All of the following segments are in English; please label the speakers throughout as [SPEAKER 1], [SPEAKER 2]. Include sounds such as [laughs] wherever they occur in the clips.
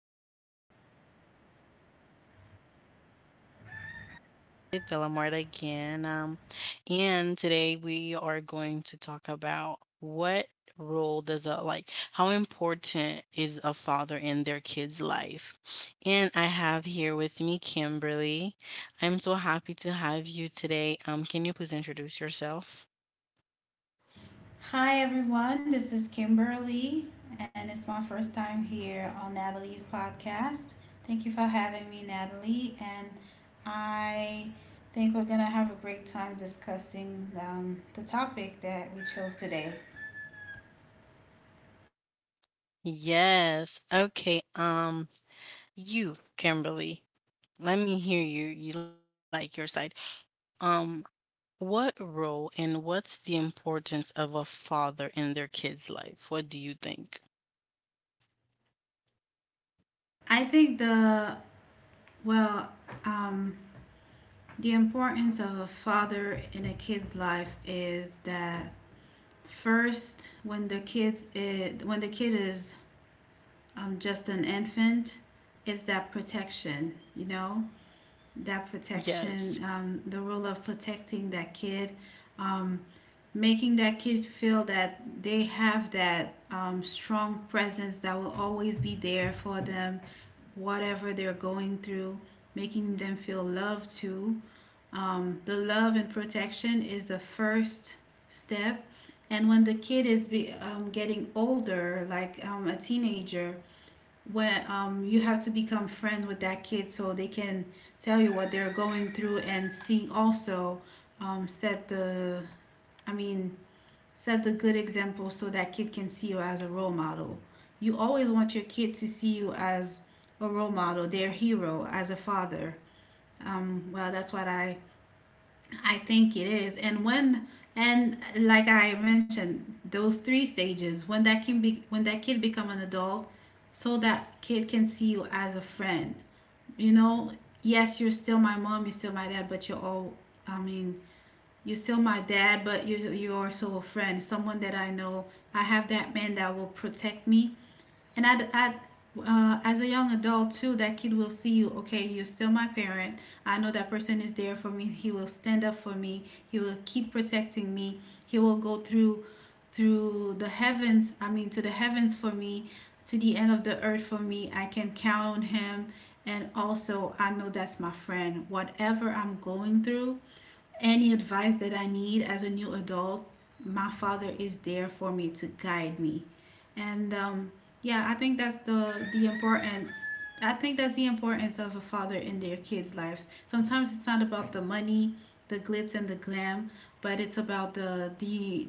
[SPEAKER 1] hello. This is Natalie Villamort again. And today we are going to talk about what role does a like how important is a father in their kid's life? And I have here with me Kimberly. I'm so happy to have you today. Can you please introduce yourself?
[SPEAKER 2] Hi everyone, this is Kimberly, and it's my first time here on Natalie's podcast. Thank you for having me, Natalie, and I think we're gonna have a great time discussing the topic that we chose today.
[SPEAKER 1] Yes. Okay. You, Kimberly. Let me hear you. You like your side. Um. What role and what's the importance of a father in their kids' life? What do you think?
[SPEAKER 2] I think well, um, the importance of a father in a kid's life is that first when the kids it, when the kid is I'm just an infant is that protection, you know, that protection,
[SPEAKER 1] Yes.
[SPEAKER 2] the role of protecting that kid, um, making that kid feel that they have that strong presence that will always be there for them, whatever they're going through, making them feel loved too. The love and protection is the first step. And when the kid is getting older, like a teenager, where you have to become friends with that kid so they can tell you what they're going through and see also, set the i mean set the good example so that kid can see you as a role model. You always want your kid to see you as a role model, their hero, as a father. Well that's what I think it is. And when and like I mentioned, those three stages, when that can be when that kid become an adult, so that kid can see you as a friend. You know, yes, you're still my mom, you're still my dad, but you're all I mean, you're still my dad, but you are also a friend, someone that I know. I have that man that will protect me, and I as a young adult too, that kid will see you. Okay, you're still my parent. I know that person is there for me. He will stand up for me. He will keep protecting me. He will go through the heavens. I mean, to the heavens for me, to the end of the earth for me. I can count on him. And also, I know that's my friend. Whatever I'm going through, any advice that I need as a new adult, my father is there for me to guide me. And Yeah, I think that's the importance of a father in their kids' lives. Sometimes it's not about the money, the glitz and the glam, but it's about the the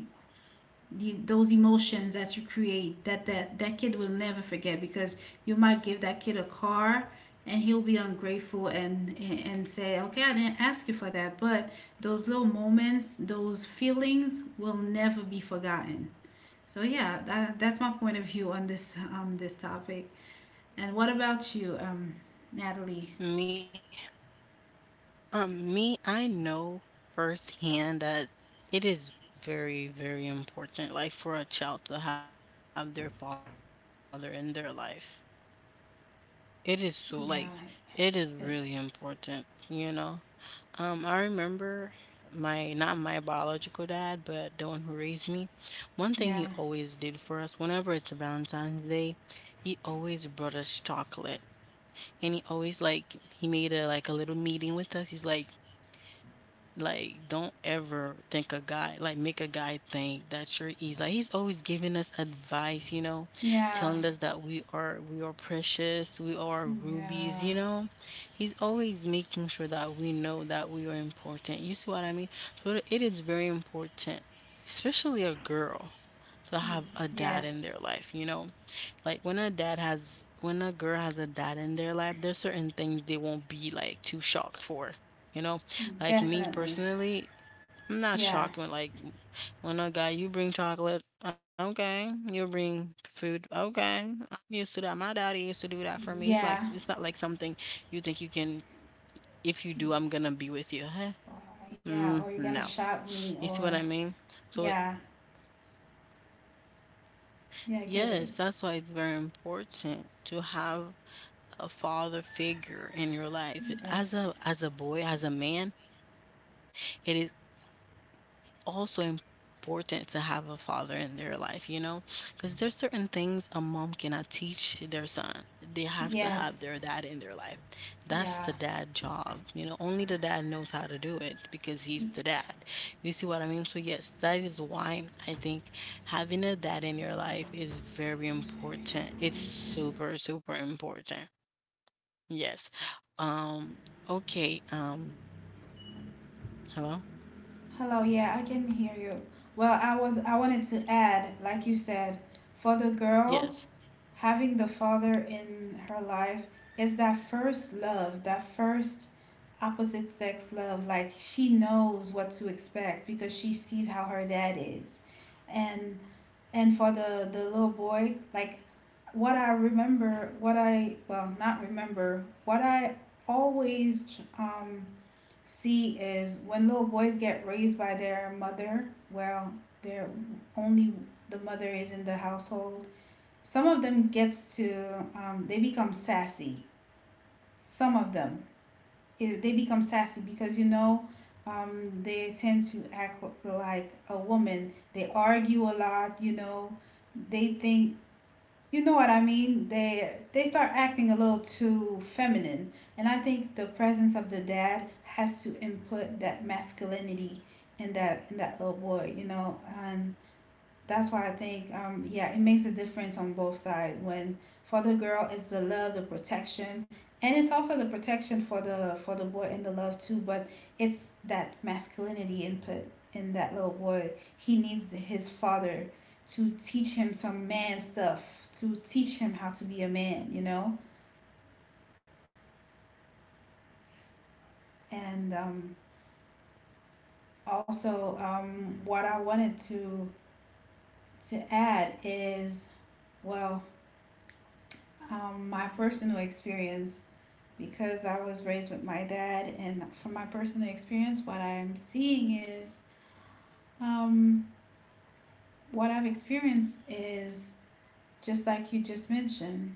[SPEAKER 2] the, those emotions that you create, that, that kid will never forget. Because you might give that kid a car and he'll be ungrateful and say, okay, I didn't ask you for that. But those little moments, those feelings, will never be forgotten. So yeah, that's my point of view on this topic. And what about you, Natalie?
[SPEAKER 1] Me me, I know firsthand that it is very, very important like for a child to have their father in their life. It is it
[SPEAKER 2] Yeah.
[SPEAKER 1] is really important, you know? I remember my not my biological dad, but the one who raised me. One thing he
[SPEAKER 2] Yeah.
[SPEAKER 1] always did for us whenever it's a Valentine's Day, he always brought us chocolate. And he always he made a little meeting with us. He's like, don't ever think a guy like, make a guy think that you're easy like, he's always giving us advice, you know,
[SPEAKER 2] Yeah.
[SPEAKER 1] telling us that we are precious, we are rubies, you
[SPEAKER 2] Yeah.
[SPEAKER 1] know? He's always making sure that we know that we are important. You see what I mean? So it is very important, especially a girl, to
[SPEAKER 2] Mm,
[SPEAKER 1] have a dad in their
[SPEAKER 2] yes.
[SPEAKER 1] life, you know? Like, when a dad has when a girl has a dad in their life, there's certain things they won't be, like, too shocked for, you know?
[SPEAKER 2] Mm,
[SPEAKER 1] Like me
[SPEAKER 2] definitely.
[SPEAKER 1] personally, I'm not
[SPEAKER 2] Yeah.
[SPEAKER 1] shocked when a guy you bring chocolate, okay, you bring food, okay. I'm used to that. My daddy used to do that for me. It's like
[SPEAKER 2] Yeah.
[SPEAKER 1] it's not like something you think you can. If you do, I'm gonna be with you. Huh?
[SPEAKER 2] Uh, Yeah.
[SPEAKER 1] Mm,
[SPEAKER 2] Or you're gonna
[SPEAKER 1] no,
[SPEAKER 2] shout me
[SPEAKER 1] you see what
[SPEAKER 2] or
[SPEAKER 1] I mean. So it,
[SPEAKER 2] yeah. Yeah, I get it.
[SPEAKER 1] yes, that's why it's very important to have a father figure in your life.
[SPEAKER 2] Def
[SPEAKER 1] As a boy, as a man, it is also important to have a father in their life, you know? Because there's certain things a mom cannot teach their son. They have to have their dad in their life. That's the
[SPEAKER 2] yes.
[SPEAKER 1] dad job. You know, only the dad
[SPEAKER 2] Yeah.
[SPEAKER 1] knows how to do it because he's the dad. You see what I mean? So yes,
[SPEAKER 2] It's
[SPEAKER 1] that is why I think having a dad in your life is very important. It's super, super
[SPEAKER 2] very
[SPEAKER 1] important.
[SPEAKER 2] important.
[SPEAKER 1] Yes. Um, okay. Hello?
[SPEAKER 2] Hello, yeah, I can hear you. Well, I wanted to add, like you said, for the
[SPEAKER 1] Yes.
[SPEAKER 2] girls, having the father in her life is that first love, that first opposite sex love. Like she knows what to expect because she sees how her dad is. And and for the little boy, like what I remember, what I well, not remember, what I always C is, when little boys get raised by their mother, well, they're only the mother is in the household. Some of them gets to they become sassy. Some of them, they become sassy because, you know, they tend to act like a woman. They argue a lot. You know, they think you know what I mean? They start acting a little too feminine, and I think the presence of the dad has to input that masculinity in that little boy, you know. And that's why I think, yeah, it makes a difference on both sides. When, for the girl, it's the love, the protection, and it's also the protection for the boy and the love too. But it's that masculinity input in that little boy. He needs his father to teach him some man stuff, to teach him how to be a man, you know. And Also, what I wanted to add is, well, my personal experience, because I was raised with my dad, and from my personal experience, what I'm seeing is, um, what I've experienced is, just like you just mentioned.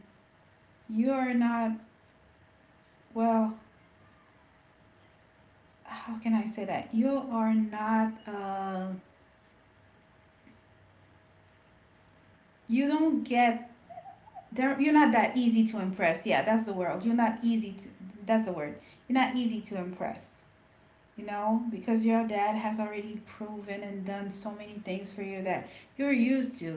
[SPEAKER 2] You are not, well, How can I say that? You are not, you don't get, there. You're not that easy to impress. Yeah, that's the word. You're not easy to, that's the word. You're not easy to impress. You know, because your dad has already proven and done so many things for you that you're used to,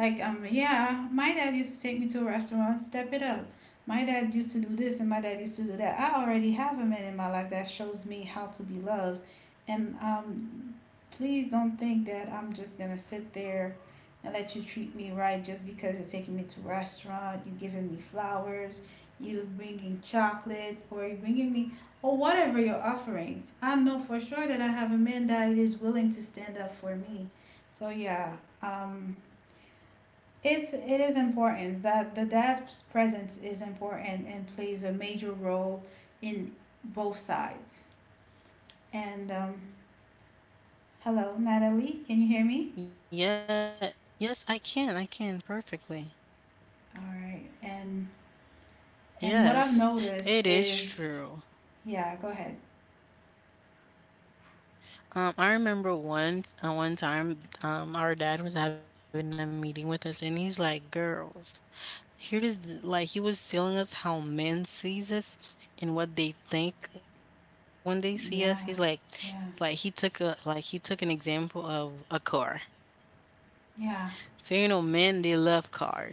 [SPEAKER 2] like, yeah, my dad used to take me to a restaurant, step it up. My dad used to do this and my dad used to do that. I already have a man in my life that shows me how to be loved. And Please don't think that I'm just gonna sit there and let you treat me right just because you're taking me to a restaurant, you're giving me flowers, you bringing chocolate or you bringing me or whatever you're offering. I know for sure that I have a man that is willing to stand up for me. So yeah, um, it is important that the dad's presence is important and plays a major role in both sides. And Hello, Natalie, can you hear me?
[SPEAKER 1] Yeah. Yes, I can. I can perfectly.
[SPEAKER 2] All right. And what I've
[SPEAKER 1] Yes,
[SPEAKER 2] noticed
[SPEAKER 1] it
[SPEAKER 2] is,
[SPEAKER 1] is true.
[SPEAKER 2] yeah, go ahead.
[SPEAKER 1] I remember once, one time, our dad was having a meeting with us, and he's like, "Girls, here is the, like he was telling us how men sees us and what they think when they see us." He's
[SPEAKER 2] Yeah, yeah,
[SPEAKER 1] like he took a like he took an example of a car. So you know,
[SPEAKER 2] yeah.
[SPEAKER 1] men they love cars, okay?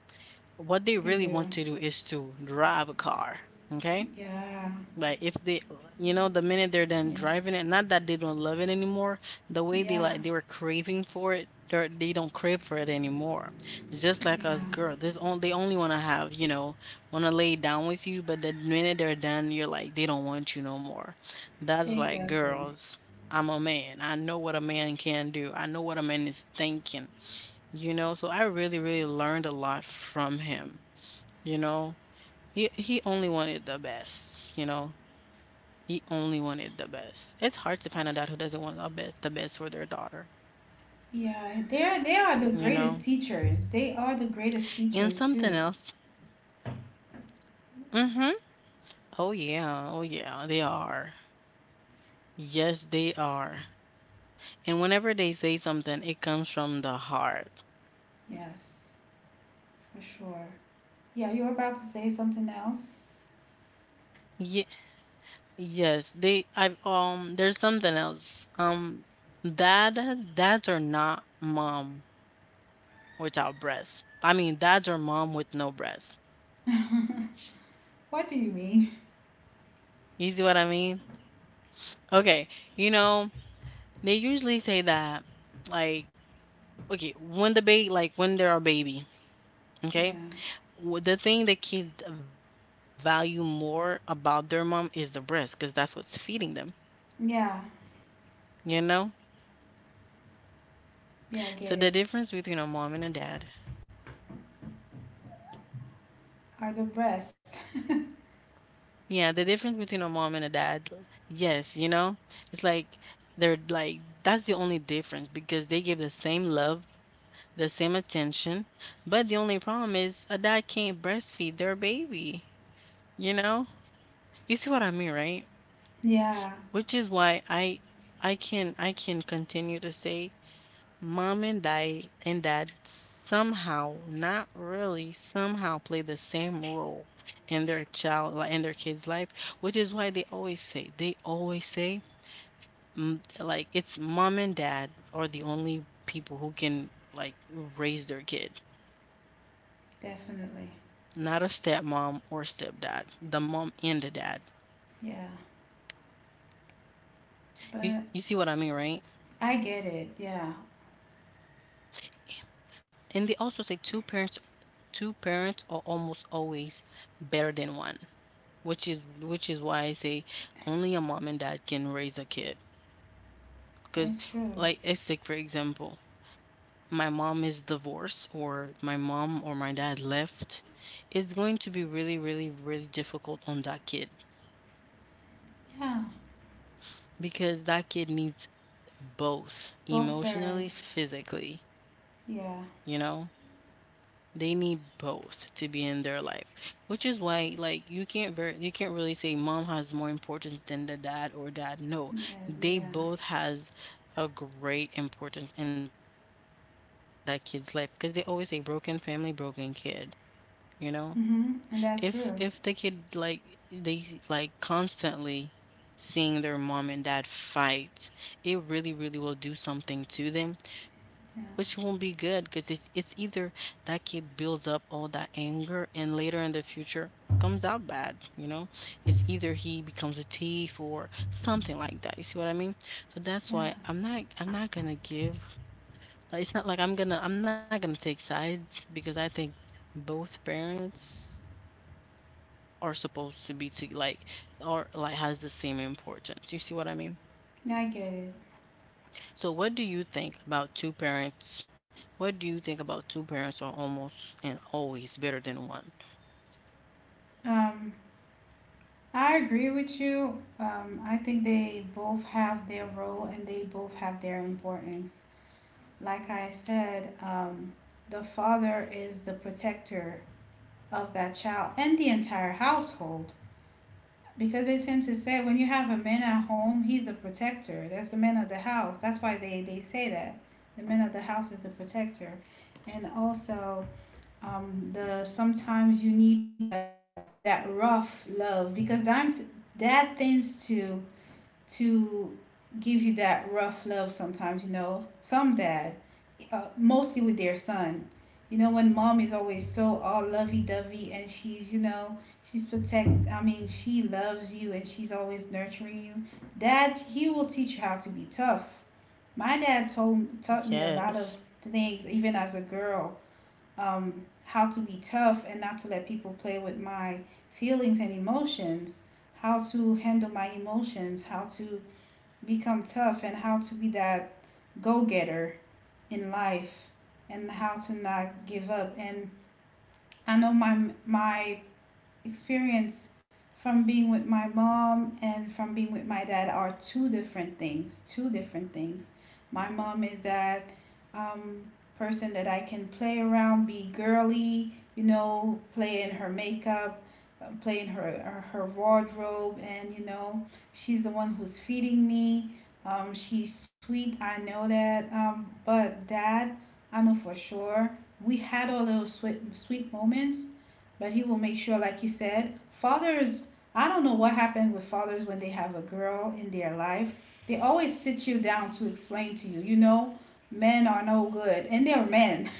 [SPEAKER 1] What they really want
[SPEAKER 2] They
[SPEAKER 1] to do
[SPEAKER 2] do.
[SPEAKER 1] is to drive a car. Okay.
[SPEAKER 2] Yeah,
[SPEAKER 1] Like if they, you know, the minute they're done
[SPEAKER 2] yeah,
[SPEAKER 1] driving it, not that they don't love it anymore, the way they
[SPEAKER 2] yeah,
[SPEAKER 1] like, they were craving for it, they're, they don't crave for it anymore. It's just like us
[SPEAKER 2] yeah.
[SPEAKER 1] girls, this on, they only want to have, you know, want to lay down with you, but the minute they're done, you're like, they don't want you no more. That's like
[SPEAKER 2] Exactly.
[SPEAKER 1] girls. I'm a man. I know what a man can do. I know what a man is thinking, you know, so I really really learned a lot from him, you know, he only wanted the best, you know. He only wanted the best. It's hard to find a dad who doesn't want the best for their daughter,
[SPEAKER 2] Yeah, they are, they are the
[SPEAKER 1] you
[SPEAKER 2] greatest
[SPEAKER 1] know.
[SPEAKER 2] teachers. They are the greatest
[SPEAKER 1] And
[SPEAKER 2] teachers
[SPEAKER 1] something
[SPEAKER 2] too.
[SPEAKER 1] else. Mhm. Oh yeah. Oh yeah, they are. Yes, they are. And whenever they say something, it comes from the heart.
[SPEAKER 2] Yes, for sure. Yeah, you were about to say something else?
[SPEAKER 1] Yeah, yes, they I've there's something else. Dad dads are not mom without breasts. I mean, dads are mom with no breasts.
[SPEAKER 2] What do you mean? [laughs]
[SPEAKER 1] You see what I mean? Okay, you know, they usually say that, like, okay, when the like when they're a baby,
[SPEAKER 2] Yeah.
[SPEAKER 1] okay, the thing the kid value more about their mom is the breast, because that's what's feeding them,
[SPEAKER 2] Yeah.
[SPEAKER 1] you know. So the difference between a mom and a
[SPEAKER 2] Yeah, I get
[SPEAKER 1] dad,
[SPEAKER 2] it. Are the best. [laughs]
[SPEAKER 1] yeah, the difference between a mom and a dad, yes, you know, it's like they're like that's the only difference because they give the same love, the same attention, but the only problem is a dad can't breastfeed their baby, you know. You see what I mean, right?
[SPEAKER 2] Yeah,
[SPEAKER 1] Which is why I can continue to say mom and dad somehow, not really, somehow play the same role in their in their kid's life, which is why they always say mm, like it's mom and dad are the only people who can like raise their kid,
[SPEAKER 2] definitely.
[SPEAKER 1] not a stepmom or stepdad, the mom and the dad.
[SPEAKER 2] Yeah.
[SPEAKER 1] You
[SPEAKER 2] But
[SPEAKER 1] you see what I mean, right?
[SPEAKER 2] I get it. Yeah.
[SPEAKER 1] And they also say two parents are almost always better than one, which is why I say only a mom and dad can raise a kid.
[SPEAKER 2] It's
[SPEAKER 1] Because
[SPEAKER 2] true.
[SPEAKER 1] like it's like for example, my mom is divorced or my mom or my dad left, it's going to be really, really, really difficult on that kid
[SPEAKER 2] Yeah.
[SPEAKER 1] because that kid needs both
[SPEAKER 2] Both
[SPEAKER 1] emotionally,
[SPEAKER 2] parents.
[SPEAKER 1] physically,
[SPEAKER 2] Yeah.
[SPEAKER 1] you know? They need both to be in their life, which is why, like, you can't ver- you can't really say mom has more importance than the dad or dad. No,
[SPEAKER 2] And then-
[SPEAKER 1] they
[SPEAKER 2] yeah.
[SPEAKER 1] both has a great importance in that kid's life because they always say broken family, broken kid. You know,
[SPEAKER 2] Mhm. And that's
[SPEAKER 1] if the
[SPEAKER 2] true.
[SPEAKER 1] kid like they like constantly seeing their mom and dad fight, it really really will do something to them,
[SPEAKER 2] Yeah.
[SPEAKER 1] which won't be good because it's either that kid builds up all that anger and later in the future comes out bad, you know, it's either he becomes a thief or something like that, you see what I mean. So that's why
[SPEAKER 2] Yeah.
[SPEAKER 1] I'm not gonna give, like, it's not like I'm not gonna take sides because I think both parents are supposed to be to like or like has the same importance, you see what I mean.
[SPEAKER 2] I get it.
[SPEAKER 1] So what do you think about two parents? What do you think about two parents are almost and always better than one?
[SPEAKER 2] Um I agree with you. I think they both have their role and they both have their importance. Like I said, the father is the protector of that child and the entire household. Because they tend to say, when you have a man at home, he's a protector. That's the man of the house. That's why they say that. The man of the house is a protector. And also, the sometimes you need that rough love, because dimes, dad tends to give you that rough love sometimes, you know. Some dad, mostly with their son. You know, when mom is always so all lovey dovey and she's, you know, she's protect, I mean, she loves you and she's always nurturing you. Dad, he will teach you how to be tough. My dad told taught me a lot of things,
[SPEAKER 1] Yes.
[SPEAKER 2] even as a girl, how to be tough and not to let people play with my feelings and emotions, how to handle my emotions, how to become tough, and how to be that go getter in life, and how to not give up. And I know my experience from being with my mom and from being with my dad are two different things. Two different things. My mom is that um, person that I can play around, be girly, you know, play in her makeup, play in her her wardrobe, and, you know, she's the one who's feeding me. She's sweet. I know that. But dad, I know for sure we had all those sweet sweet moments, but he will make sure, like you said, fathers. I don't know what happened with fathers when they have a girl in their life. They always sit you down to explain to you, you know, men are no good, and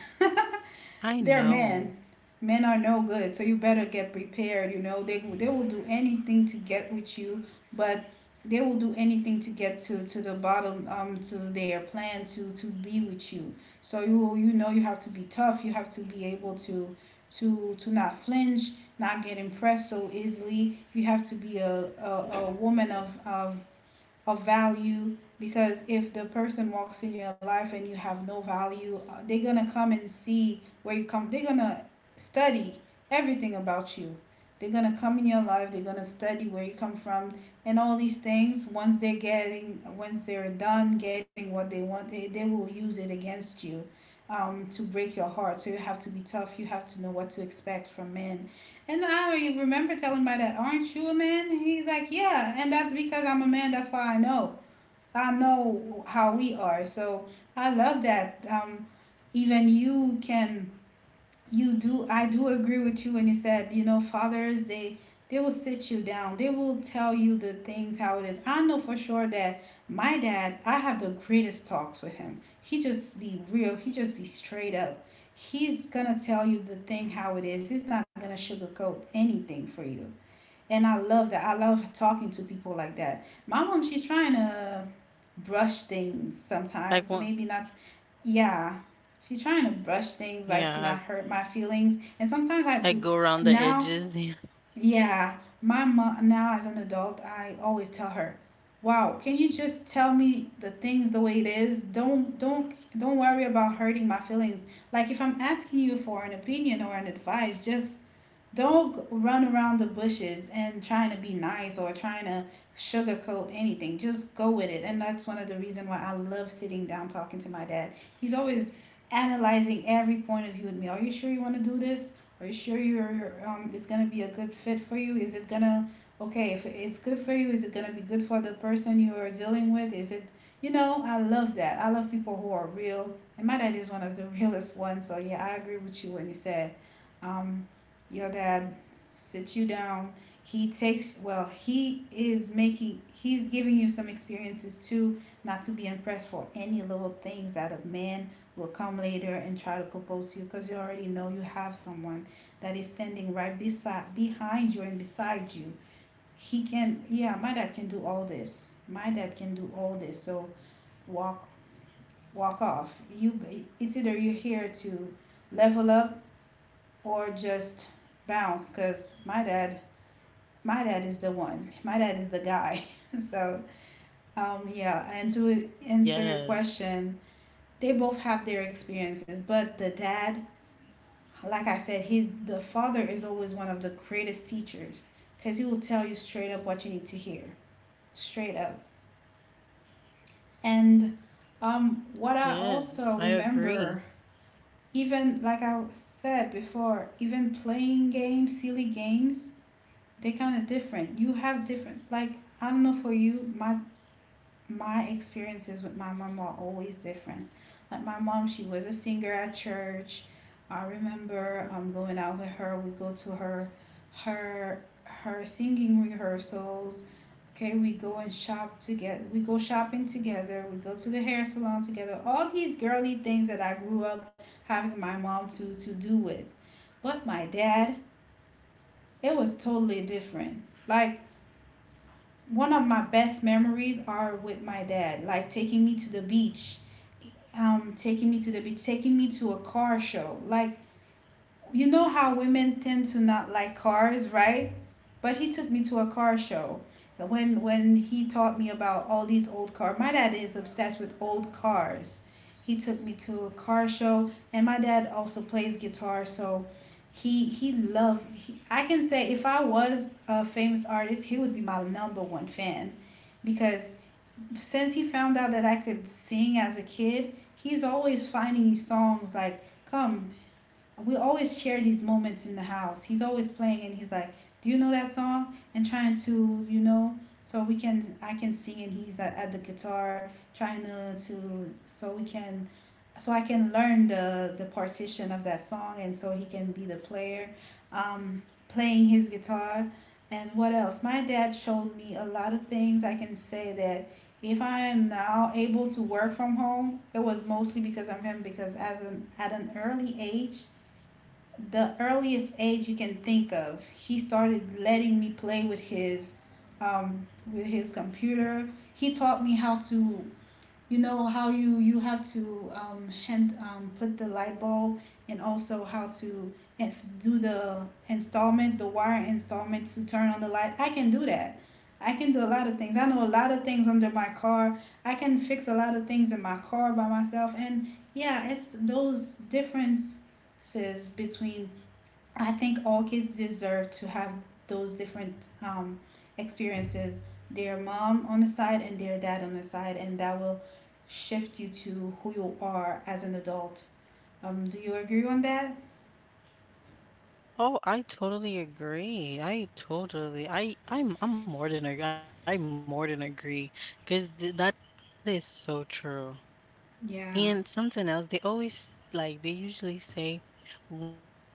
[SPEAKER 2] they're men.
[SPEAKER 1] I
[SPEAKER 2] Men are no
[SPEAKER 1] know.
[SPEAKER 2] good, so you better get prepared. You know they will do anything to get with you, but they will do anything to get to the bottom, to their plan, to be with you. So you know, you have to be tough. You have to be able to not flinch, not get impressed so easily. You have to be a woman of of value because if the person walks in your life and you have no value, they're gonna come and see where you come they're gonna study everything about you, they're gonna come in your life, they're gonna study where you come from. And all these things, once they're getting, once they're done getting what they want, they will use it against you, to break your heart. So you have to be tough, you have to know what to expect from men. And I remember telling my dad, "Aren't you a man?" And he's like, "Yeah. And that's because I'm a man. That's why I know. I know how we are." So I love that. Even you can you do I do agree with you when you said, you know, fathers, they will sit you down, they will tell you the things how it is. I know for sure that my dad, I have the greatest talks with him. He just be real, he just be straight up. He's gonna tell you the thing how it is, he's not gonna sugarcoat anything for you. And I love that. I love talking to people like that. My mom, she's trying to brush things sometimes,
[SPEAKER 1] Like one
[SPEAKER 2] maybe not. Yeah, she's trying to brush things like to
[SPEAKER 1] yeah,
[SPEAKER 2] not hurt my feelings. And sometimes I
[SPEAKER 1] I
[SPEAKER 2] do.
[SPEAKER 1] go around the
[SPEAKER 2] Now,
[SPEAKER 1] edges. [laughs]
[SPEAKER 2] yeah, my mom, now as an adult, I always tell her, "Wow, can you just tell me the things the way it is? Don't don't worry about hurting my feelings. Like if I'm asking you for an opinion or an advice, just don't run around the bushes and trying to be nice or trying to sugarcoat anything. Just go with it." And that's one of the reasons why I love sitting down talking to my dad. He's always analyzing every point of view with me. Are you sure you want to do this? Are you sure you're it's gonna be a good fit for you? Is it gonna okay if it's good for you? Is it gonna be good for the person you are dealing with? Is it, you know, I love that. I love people who are real, and my dad is one of the [laughs] realest ones. So yeah, I agree with you when you said um your dad sits you down. He takes, well, he is making, he's giving you some experiences too, not to be impressed for any little things that a man will come later and try to propose to you, because you already know you have someone that is standing right beside, behind you and beside you. He can, yeah, my dad can do all this. My dad can do all this. So walk, walk off. You, it's either you're here to level up or just bounce, because my dad is the one, my dad is the guy. [laughs] So yeah, and to answer your
[SPEAKER 1] Yes.
[SPEAKER 2] question, they both have their experiences, but the dad, like I said, he the father is always one of the greatest teachers, because he will tell you straight up what you need to hear, straight up. And what I also
[SPEAKER 1] Yes, I
[SPEAKER 2] remember,
[SPEAKER 1] agree.
[SPEAKER 2] even like I said before, even playing games, silly games. They're kind of different. You have different, like, I don't know for you, my experiences with my mom are always different. Like my mom, she was a singer at church. I remember going out with her. We go to her singing rehearsals. Okay, we go and shop together. We go shopping together. We go to the hair salon together. All these girly things that I grew up having my mom to do with. But my dad, it was totally different. Like one of my best memories are with my dad, like taking me to the beach, taking me to the beach, taking me to a car show. Like, you know how women tend to not like cars, right? But he took me to a car show. When he taught me about all these old cars, my dad is obsessed with old cars. He took me to a car show, and my dad also plays guitar, so he loved. He, I can say if I was a famous artist, he would be my number one fan, because since he found out that I could sing as a kid, he's always finding songs like, "Come," we always share these moments in the house. He's always playing and he's like, "Do you know that song?" And trying to, you know, so we can I can sing and he's at the guitar trying to so we can so I can learn the partition of that song and so he can be the player, um playing his guitar. And what else? My dad showed me a lot of things. I can say that if I am now able to work from home, it was mostly because of him, because as an at an early age, the earliest age you can think of, he started letting me play with his, um, with his computer. He taught me how to, you know, how you you have to hand put the light bulb, and also how to do the installment, the wire installment to turn on the light. I can do that. I can do a lot of things. I know a lot of things under my car. I can fix a lot of things in my car by myself. And yeah, it's those differences between, I think all kids deserve to have those different, um, experiences, their mom on the side and their dad on the side, and that will shift you to who you are as an adult. Do you agree on that?
[SPEAKER 1] Oh, I totally agree. I totally I I'm more than ag- I more than agree because th that is so true.
[SPEAKER 2] Yeah.
[SPEAKER 1] And something else, they always like they usually say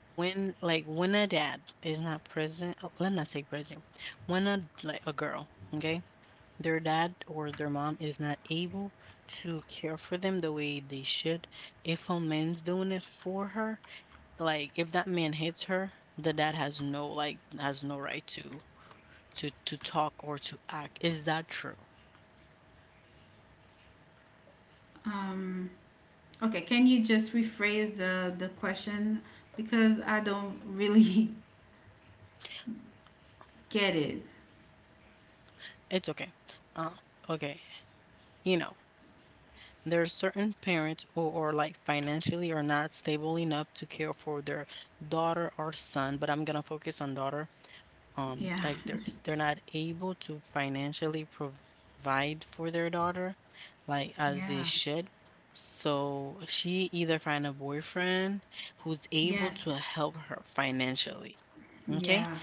[SPEAKER 1] when like when a dad is not present, oh, let's not say present, when a like a girl, okay, their dad or their mom is not able to care for them the way they should. If a man's doing it for her, like if that man hits her, the dad has no like has no right to to talk or to act. Is that true?
[SPEAKER 2] Um, okay, can you just rephrase the question? Because I don't really [laughs] get it.
[SPEAKER 1] It's okay. Uh okay. You know. There are certain parents who are like financially are not stable enough to care for their daughter or son, but I'm gonna focus on daughter.
[SPEAKER 2] Yeah.
[SPEAKER 1] Like they're not able to financially provide for their daughter, like as they
[SPEAKER 2] Yeah.
[SPEAKER 1] should. So she either find a boyfriend who's able
[SPEAKER 2] Yes.
[SPEAKER 1] to help her financially.
[SPEAKER 2] Yeah.
[SPEAKER 1] Okay.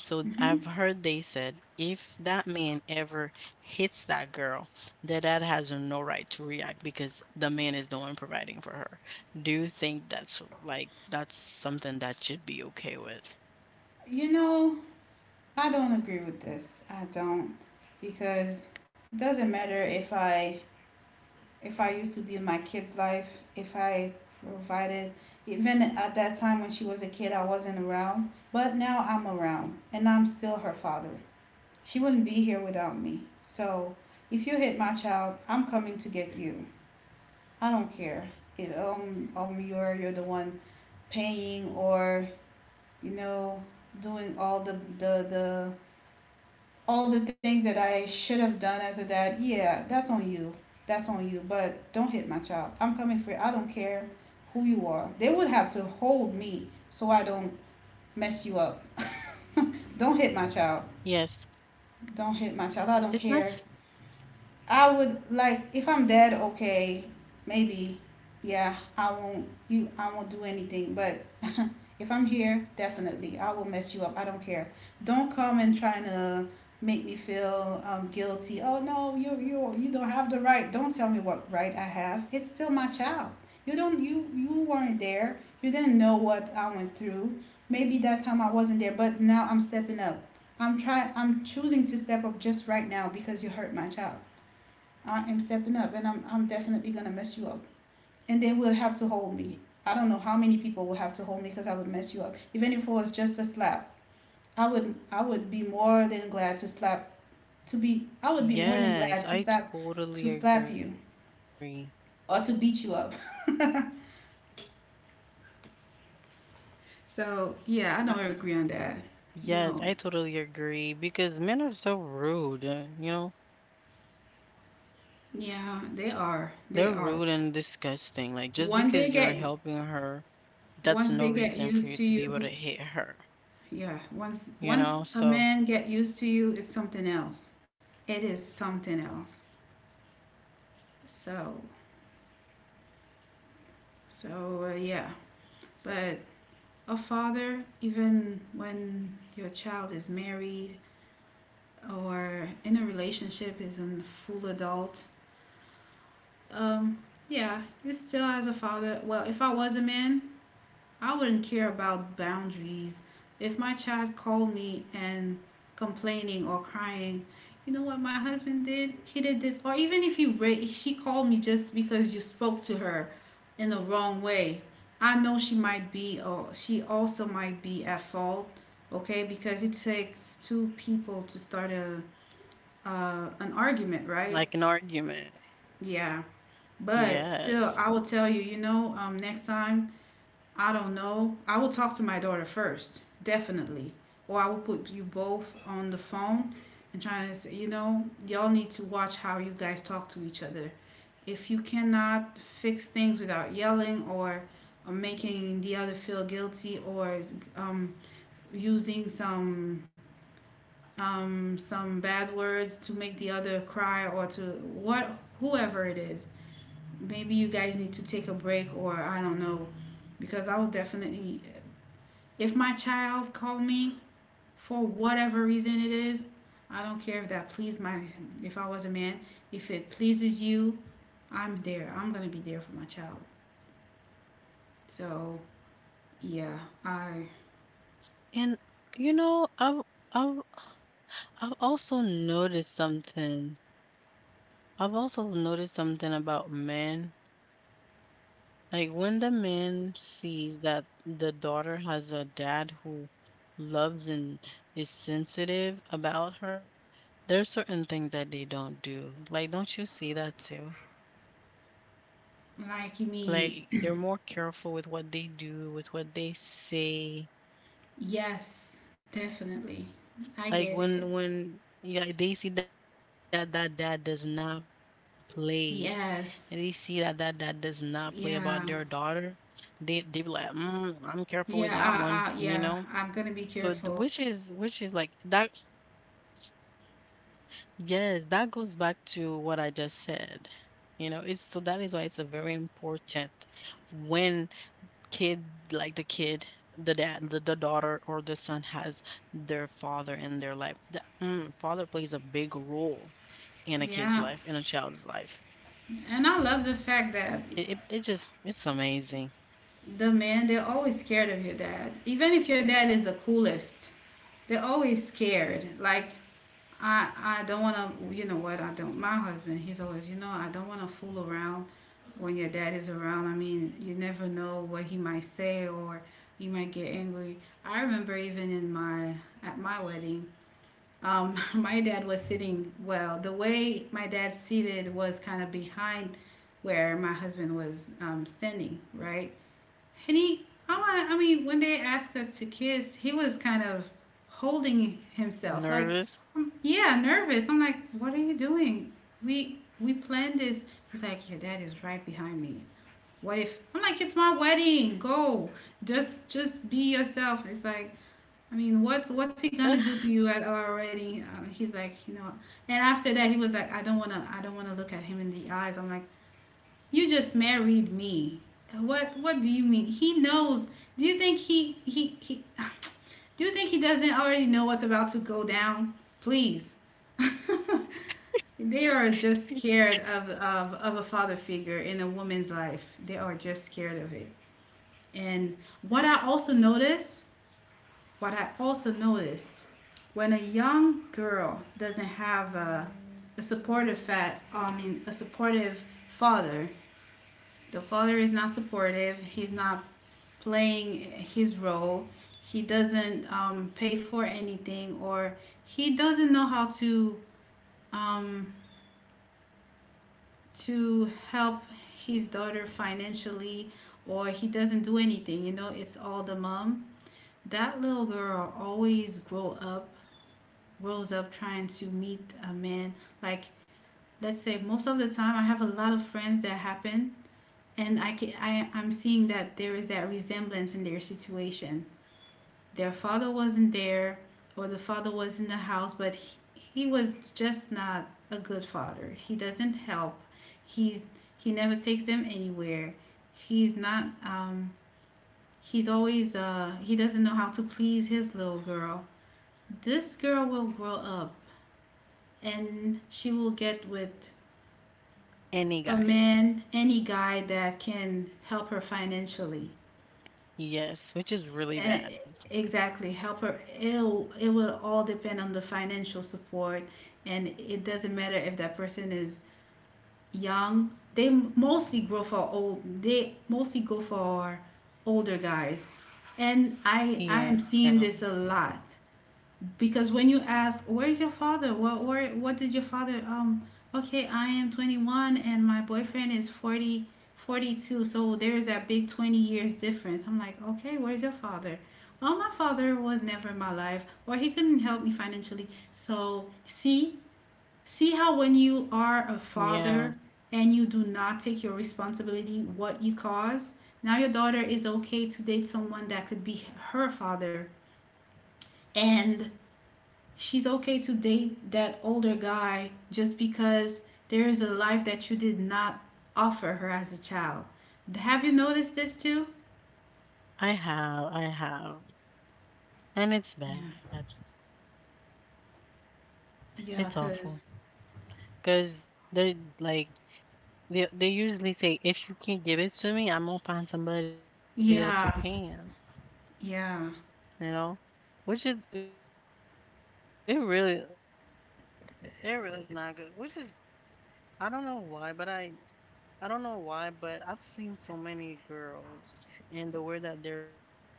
[SPEAKER 1] So
[SPEAKER 2] Mm-hmm.
[SPEAKER 1] I've heard they said if that man ever hits that girl, that dad has no right to react because the man is the one providing for her. Do you think that's like that's something that should be okay with?
[SPEAKER 2] You know, I don't agree with this. I don't, because it doesn't matter if I, if I used to be in my kid's life, if I provided, even at that time when she was a kid I wasn't around, but now I'm around and I'm still her father. She wouldn't be here without me. So, if you hit my child, I'm coming to get you. I don't care. If, you're the one paying or, you know, doing all the all the things that I should have done as a dad, yeah, that's on you. That's on you. But don't hit my child. I'm coming for you. I don't care who you are. They would have to hold me so I don't mess you up. Don't hit my child. Don't hit
[SPEAKER 1] Yes,
[SPEAKER 2] my child. I don't care.
[SPEAKER 1] it's not. S-
[SPEAKER 2] I would, like if I'm dead, okay, maybe, yeah, I won't do anything. But if I'm here, definitely, I will mess you up. I don't care. Don't come and trying to make me feel, guilty. Oh no, you don't have the right. Don't tell me what right I have. It's still my child. You you weren't there. You didn't know what I went through. Maybe that time I wasn't there, but now I'm stepping up. I'm trying. I'm choosing to step up just right now because you hurt my child. I am stepping up, and I'm definitely gonna mess you up, and they will have to hold me. I don't know how many people will
[SPEAKER 1] y-
[SPEAKER 2] have to hold me because I would mess you up. Even if it was just a slap, I would be more than glad to slap, to be I would be more than
[SPEAKER 1] Yes,
[SPEAKER 2] glad to
[SPEAKER 1] I
[SPEAKER 2] slap,
[SPEAKER 1] totally
[SPEAKER 2] to slap
[SPEAKER 1] agree.
[SPEAKER 2] you or to beat you up. [laughs] So yeah, I
[SPEAKER 1] I,
[SPEAKER 2] don't agree on that.
[SPEAKER 1] yes,
[SPEAKER 2] No.
[SPEAKER 1] I totally agree because men are so rude. You know,
[SPEAKER 2] Yeah, they
[SPEAKER 1] they're
[SPEAKER 2] are.
[SPEAKER 1] rude and
[SPEAKER 2] They are.
[SPEAKER 1] disgusting. Like, just because you're
[SPEAKER 2] One
[SPEAKER 1] helping
[SPEAKER 2] they
[SPEAKER 1] her,
[SPEAKER 2] get
[SPEAKER 1] that's no reason for
[SPEAKER 2] Once
[SPEAKER 1] you
[SPEAKER 2] they
[SPEAKER 1] to be
[SPEAKER 2] get
[SPEAKER 1] able to
[SPEAKER 2] used to
[SPEAKER 1] hit her,
[SPEAKER 2] you, yeah.
[SPEAKER 1] you know?
[SPEAKER 2] Once
[SPEAKER 1] So,
[SPEAKER 2] once a man get used to you, it's something else. It is something else. So, so, yeah. But a father, even when your child is married or in a relationship, is a full adult, um, yeah, you still, as a father, well, if I was a man, I wouldn't care about boundaries. If my child called me and complaining or crying, you know what my husband did? He did this. Or even if she called me just because you spoke to her in the wrong way. I know she might be, or she also might be at fault, okay? Because it takes two people to start a, an argument, right?
[SPEAKER 1] like an argument.
[SPEAKER 2] Yeah. But still, I
[SPEAKER 1] Yes.
[SPEAKER 2] will tell you, you know, next time I don't know. I will talk to my daughter first, definitely. Or I will put you both on the phone and try to say, you know, y'all need to watch how you guys talk to each other. If you cannot fix things without yelling or, making the other feel guilty or, um, using some, some bad words to make the other cry or to what whoever it is, maybe you guys need to take a break, or I don't know, because I will definitely, if my child called me for whatever reason it is, I don't care if that pleased my, if I was a man. If it pleases you, I'm there. I'm gonna be there for my child. So yeah, I
[SPEAKER 1] And, you know, I've, I've also noticed something. I've also noticed something about men. Like, when the man sees that the daughter has a dad who loves and is sensitive about her, there's certain things that they don't do. Like, don't you see that too?
[SPEAKER 2] like you mean
[SPEAKER 1] Like, they're more careful with what they do, with what they say.
[SPEAKER 2] yes, definitely. I get
[SPEAKER 1] Like
[SPEAKER 2] it.
[SPEAKER 1] when yeah, they see that that dad does not play, and they see that that dad
[SPEAKER 2] Yes.
[SPEAKER 1] does not play about their daughter,
[SPEAKER 2] Yeah.
[SPEAKER 1] they be like, mm, I'm careful with that one,
[SPEAKER 2] Yeah,
[SPEAKER 1] you know.
[SPEAKER 2] I, I, yeah,
[SPEAKER 1] So
[SPEAKER 2] I'm gonna be careful.
[SPEAKER 1] which is like that. Yes, that goes back to what I just said. You know, it's so that is why it's a very important when kid like the kid, the dad the daughter or the son has their father in their life. The father plays a big role in a
[SPEAKER 2] Yeah,
[SPEAKER 1] kid's life, in a child's life.
[SPEAKER 2] and I love the fact that
[SPEAKER 1] It just it's amazing.
[SPEAKER 2] the men, they're always scared of your dad. Even if your dad is the coolest, they're always scared. Like I I don't want to. You know what? I don't. My husband, he's always. You know, I don't want to fool around when your dad is around. I mean, you never know what he might say or he might get angry. I remember even in my at my wedding. [laughs] My dad was sitting well. The way my dad seated was kind of behind where my husband was standing, right? And I mean, when they asked us to kiss, he was kind of holding himself. Like, yeah, nervous. I'm
[SPEAKER 1] Nervous?
[SPEAKER 2] like, what are you doing? We planned this. He's like, your dad is right behind me. What if? I'm like, it's my wedding. Go, just be yourself. It's like, I mean, what's he gonna do to you at our wedding? He's like, you know. And after that, he was like, I don't wanna look at him in the eyes. I'm like, you just married me. What do you mean? He knows. Do you think he [sighs] Do you think he doesn't already know what's about to go down? Please. [laughs] They are just scared of a father figure in a woman's life. They are just scared of it. And what I also notice, what I also notice, when a young girl doesn't have a supportive fat, I mean a supportive father, the father is not supportive. He's not playing his role. He doesn't pay for anything, or he doesn't know how um, to help his daughter financially, or he doesn't do anything. You know, it's all the mom. That little girl always grow up, grows up trying to meet a man. Like let's say most of the time, I have a lot of friends that happen and I can I I'm seeing that there is that resemblance in their situation. Their father wasn't there, or the father was in the house, but he was just not a good father. He doesn't help. He's he never takes them anywhere. He's not um he's always he doesn't know how to please his little girl. This girl will grow up and she will get with a man, any guy that
[SPEAKER 1] [laughs]
[SPEAKER 2] can
[SPEAKER 1] Any
[SPEAKER 2] help
[SPEAKER 1] guy.
[SPEAKER 2] her financially. And exactly, help her.
[SPEAKER 1] Yes,
[SPEAKER 2] It
[SPEAKER 1] which is
[SPEAKER 2] It
[SPEAKER 1] really
[SPEAKER 2] will
[SPEAKER 1] bad.
[SPEAKER 2] all depend on the financial support, and it doesn't matter if that person is young. They mostly grow for old. They mostly go for older guys, and I am seeing this a lot because when you
[SPEAKER 1] Yeah.
[SPEAKER 2] ask where is your father what did your father okay, I am 21 and my boyfriend is forty two, so there's that big 20 years difference. I'm like, okay, where's your father? Oh, my father was never in my life, or he couldn't help me financially. So see, see how when you are a father and you do not take your responsibility,
[SPEAKER 1] Yeah.
[SPEAKER 2] what you cause, now your daughter is okay to date someone that could be her father, and she's okay to date that older guy just because there is a life that you did not offer her as a child. Have you noticed this too?
[SPEAKER 1] I
[SPEAKER 2] Yeah.
[SPEAKER 1] have, I have. And it's bad.
[SPEAKER 2] Yeah, cuz
[SPEAKER 1] It's awful. Cause they're like they usually say if you can't give it to
[SPEAKER 2] yeah.
[SPEAKER 1] me, I'm gonna find somebody else who
[SPEAKER 2] Yeah.
[SPEAKER 1] can. You know, which is it really is not good. Which is I don't know why, but I don't know why, but I've seen so many girls and the way that they're living their life.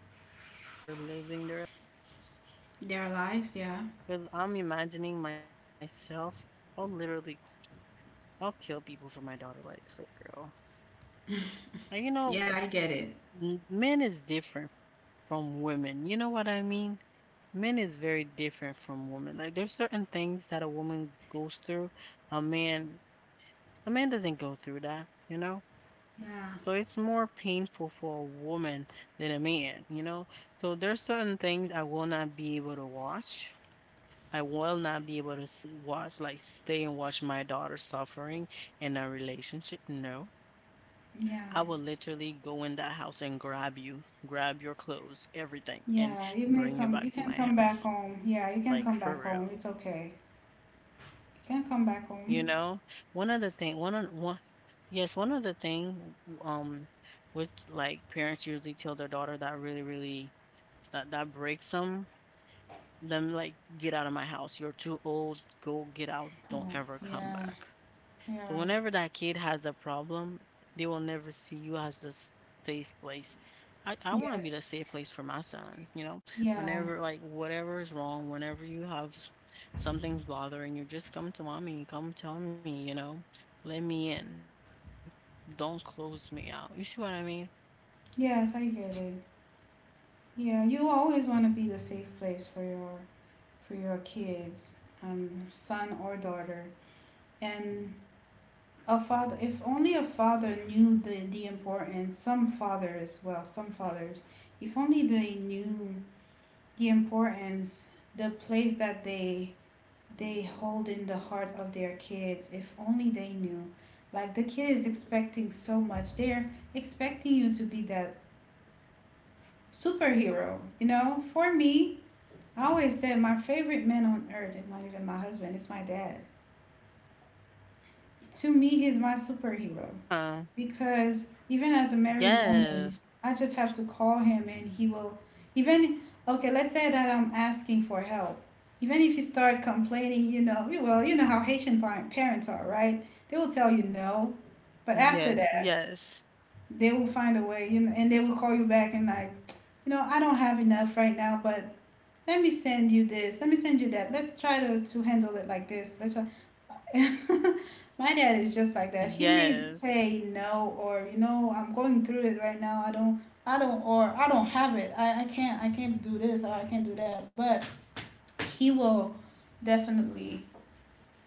[SPEAKER 1] I do not want to have a daughter. Like I don't want a daughter
[SPEAKER 2] Their lives, yeah.
[SPEAKER 1] because I'm imagining myself. I'll literally I'll kill people for my daughter. Like for real.
[SPEAKER 2] Yeah, I get
[SPEAKER 1] Like
[SPEAKER 2] it.
[SPEAKER 1] you know, men is different from women. You know what I mean? Men is very different from women. Like there's certain things that a woman goes through, a man a man doesn't go through that, you know?
[SPEAKER 2] Yeah.
[SPEAKER 1] So it's more painful for a woman than a man, you know? So there's certain things I will not be able to watch. I will not be able to watch, like stay and watch my daughter suffering in a relationship. No.
[SPEAKER 2] Yeah.
[SPEAKER 1] I will literally go in that house and grab you, grab your clothes, everything, and bring you back
[SPEAKER 2] You
[SPEAKER 1] to
[SPEAKER 2] can
[SPEAKER 1] my
[SPEAKER 2] come back
[SPEAKER 1] house.
[SPEAKER 2] home. Yeah, you can
[SPEAKER 1] Like
[SPEAKER 2] come
[SPEAKER 1] for
[SPEAKER 2] back
[SPEAKER 1] real.
[SPEAKER 2] home. It's okay. You can come back
[SPEAKER 1] You
[SPEAKER 2] home.
[SPEAKER 1] know, one other thing, one on one, yes, one other thing, um, which like parents usually tell their daughter that really, really that breaks them, them like get out of my house. You're too old. Go get out. Don't
[SPEAKER 2] Oh,
[SPEAKER 1] ever come
[SPEAKER 2] yeah.
[SPEAKER 1] back. So
[SPEAKER 2] Yeah.
[SPEAKER 1] whenever that kid has a problem, they will never see you as the safe place. I want to be the safe place
[SPEAKER 2] Yes.
[SPEAKER 1] for my son, you know?
[SPEAKER 2] Yeah.
[SPEAKER 1] Whenever, like, whatever is wrong, whenever you have something's bothering you, just come to mommy, come tell me, you know? Let me in. Don't close me out. You see what I mean?
[SPEAKER 2] Yes, I get it. Yeah, you always want to be the safe place for your kids, son or daughter, and a father. If only a father knew the importance. Some fathers, well, some fathers, if only they knew the importance, the place that they hold in the heart of their kids. If only they knew, like the kid is expecting so much. They're expecting you to be that superhero. You know, for me, I always said my favorite man on earth is not even my husband, it's my dad. To me, he's my superhero
[SPEAKER 1] Uh,
[SPEAKER 2] because even as a married woman,
[SPEAKER 1] yes,
[SPEAKER 2] I just have to call him and he will even okay, let's say that I'm asking for help. Even if you start complaining, you know, you well, you know how Haitian parents are, right? They will tell you no, but
[SPEAKER 1] yes,
[SPEAKER 2] after that,
[SPEAKER 1] yes,
[SPEAKER 2] they will find a way, you know, and they will call you back and like, you know, I don't have enough right now, but let me send you that. Let's try to handle it like this. Let's try. [laughs] My dad is just like that. He may
[SPEAKER 1] yes.
[SPEAKER 2] say no, or you know, I'm going through it right now. I don't have it. I can't I can't do this, or I can't do that, but he will definitely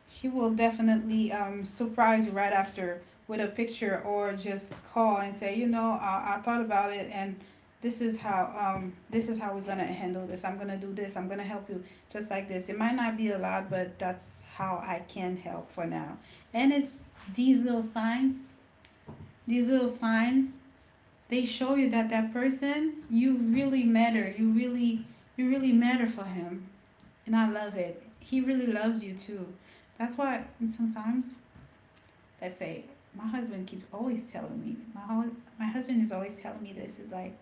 [SPEAKER 2] surprise you right after with a picture, or just call and say, you know, I thought about it, and this is how this is how we're gonna handle this. I'm gonna do this. I'm gonna help you just like this. It might not be a lot, but that's how I can help for now. And it's these little signs. These little signs, they show you that that person, you really matter. You really matter for him. And I love it. He really loves you too. That's why sometimes, let's say, my husband is always telling me this, is like,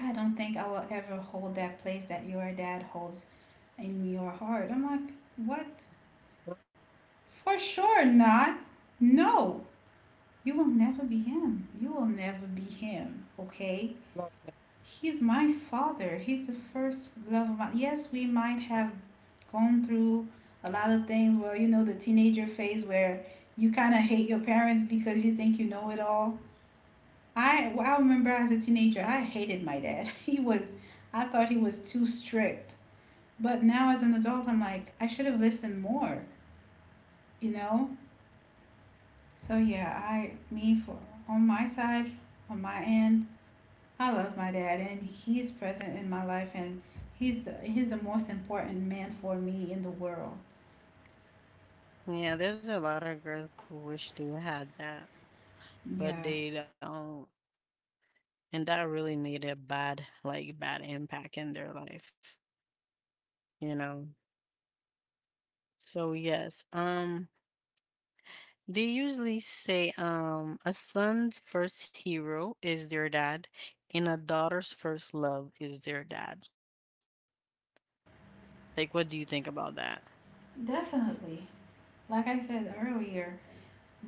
[SPEAKER 2] I don't think I will ever hold that place that your dad holds in your heart. I'm like, what?
[SPEAKER 1] So,
[SPEAKER 2] For sure not. No, you will never be him. You will never be him, okay?
[SPEAKER 1] like,
[SPEAKER 2] He's my father. He's the first love of my. Yes, we might have gone through a lot of things. Well, you know, the teenager phase where you kind of hate your parents because you think you know it all. I remember as a teenager, I hated my dad. [laughs] I thought he was too strict. But now as an adult, I'm like, I should have listened more, you know? So yeah, on my side, on my end, I love my dad, and he's present in my life, and he's the most important man for me in the world.
[SPEAKER 1] yeah, there's a lot of girls who wish they had that.
[SPEAKER 2] Yeah,
[SPEAKER 1] But they don't. And that really made a bad, like, bad impact in their life, you know? So yes, they usually say, a son's first hero is their dad, and a daughter's first love is their dad. Like, what do you think about that?
[SPEAKER 2] definitely. Like I said earlier,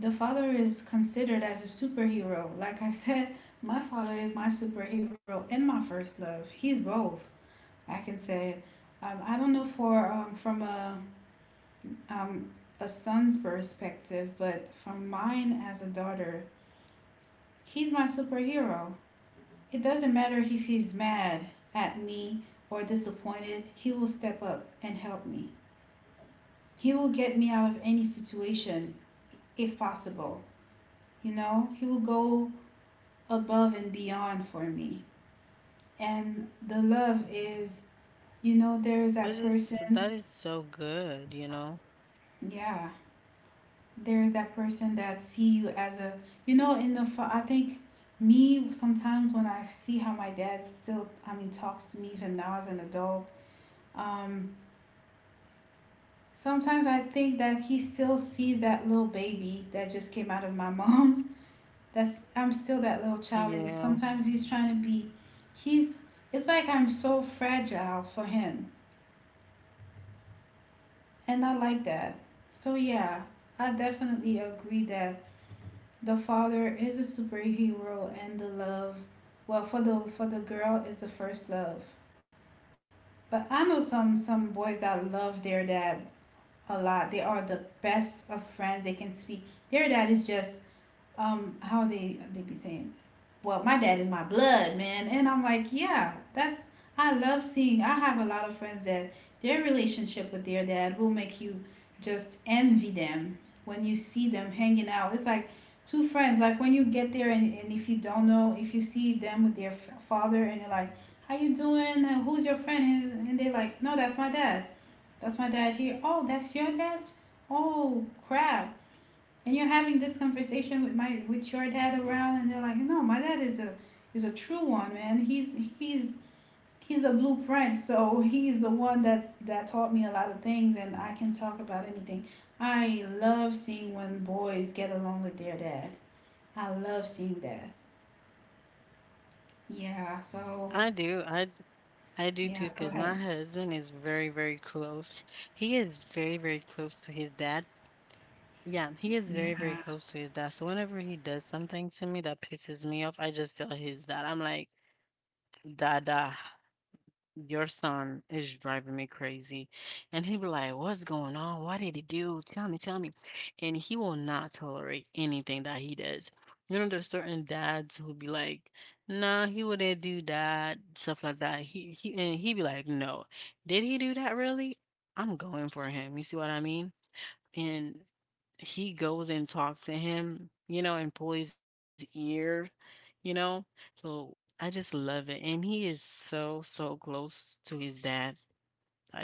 [SPEAKER 2] the father is considered as a superhero. Like I said, my father is my superhero and my first love. He's both. I can say, I don't know for from um, a son's perspective, but from mine as a daughter, he's my superhero. It doesn't matter if he's mad at me or disappointed, he will step up and help me. He will get me out of any situation if possible. You know, he will go above and beyond for me. And the love is,
[SPEAKER 1] Which is
[SPEAKER 2] you know,
[SPEAKER 1] that is
[SPEAKER 2] there is
[SPEAKER 1] so
[SPEAKER 2] that
[SPEAKER 1] good,
[SPEAKER 2] person,
[SPEAKER 1] you know?
[SPEAKER 2] yeah, there is that person that see you as a, you know, I think me sometimes when I see how my dad still, I mean, talks to me even now as an adult, um, sometimes I think that he still sees that little baby that just came out of my mom. That's I'm still that little child, and sometimes
[SPEAKER 1] Yeah,
[SPEAKER 2] he's trying to be he's it's like I'm so fragile for him and I like that. So yeah, I definitely agree that the father is a superhero and the love, well, for the girl is the first love. But I know some boys that love their dad a lot. They are the best of friends. They can speak. Their dad is just how they be saying, well, my dad is my blood, man, and I'm like, yeah, that's I love seeing. I have a lot of friends that their relationship with their dad will make you just envy them when you see them hanging out. It's like two friends. Like when you get there, and if you don't know, if you see them with their father and you're like, how you doing? Who's your friend? And they're like, no, that's my dad. That's my dad here. Oh, that's your dad? Oh, crap. And you're having this conversation with my with your dad around, and they're like, no, my dad is a true one, man. He's a blueprint. So he's the one that taught me a lot of things, and I can talk about anything. I love seeing when boys get along with their dad. I love seeing that. Yeah, so
[SPEAKER 1] I do. I do too,
[SPEAKER 2] yeah, go
[SPEAKER 1] because my
[SPEAKER 2] ahead.
[SPEAKER 1] husband is very, very close. He is very, very close to his dad. Yeah, he is very,
[SPEAKER 2] Yeah,
[SPEAKER 1] very close to his dad. So whenever he does something to me that pisses me off, I just tell his dad. I'm like, Dada, your son is driving me crazy. And he'll be like, what's going on? What did he do? Tell me, tell me. And he will not tolerate anything that he does. You know, there's certain dads who'll be like, nah, he wouldn't do that, stuff like that. He and he'd be like, no. Did he do that really? I'm going for him. You see what I mean? And he goes and talks to him, you know, and pull his ear, you know. So I just love it, and he is so so close to his dad.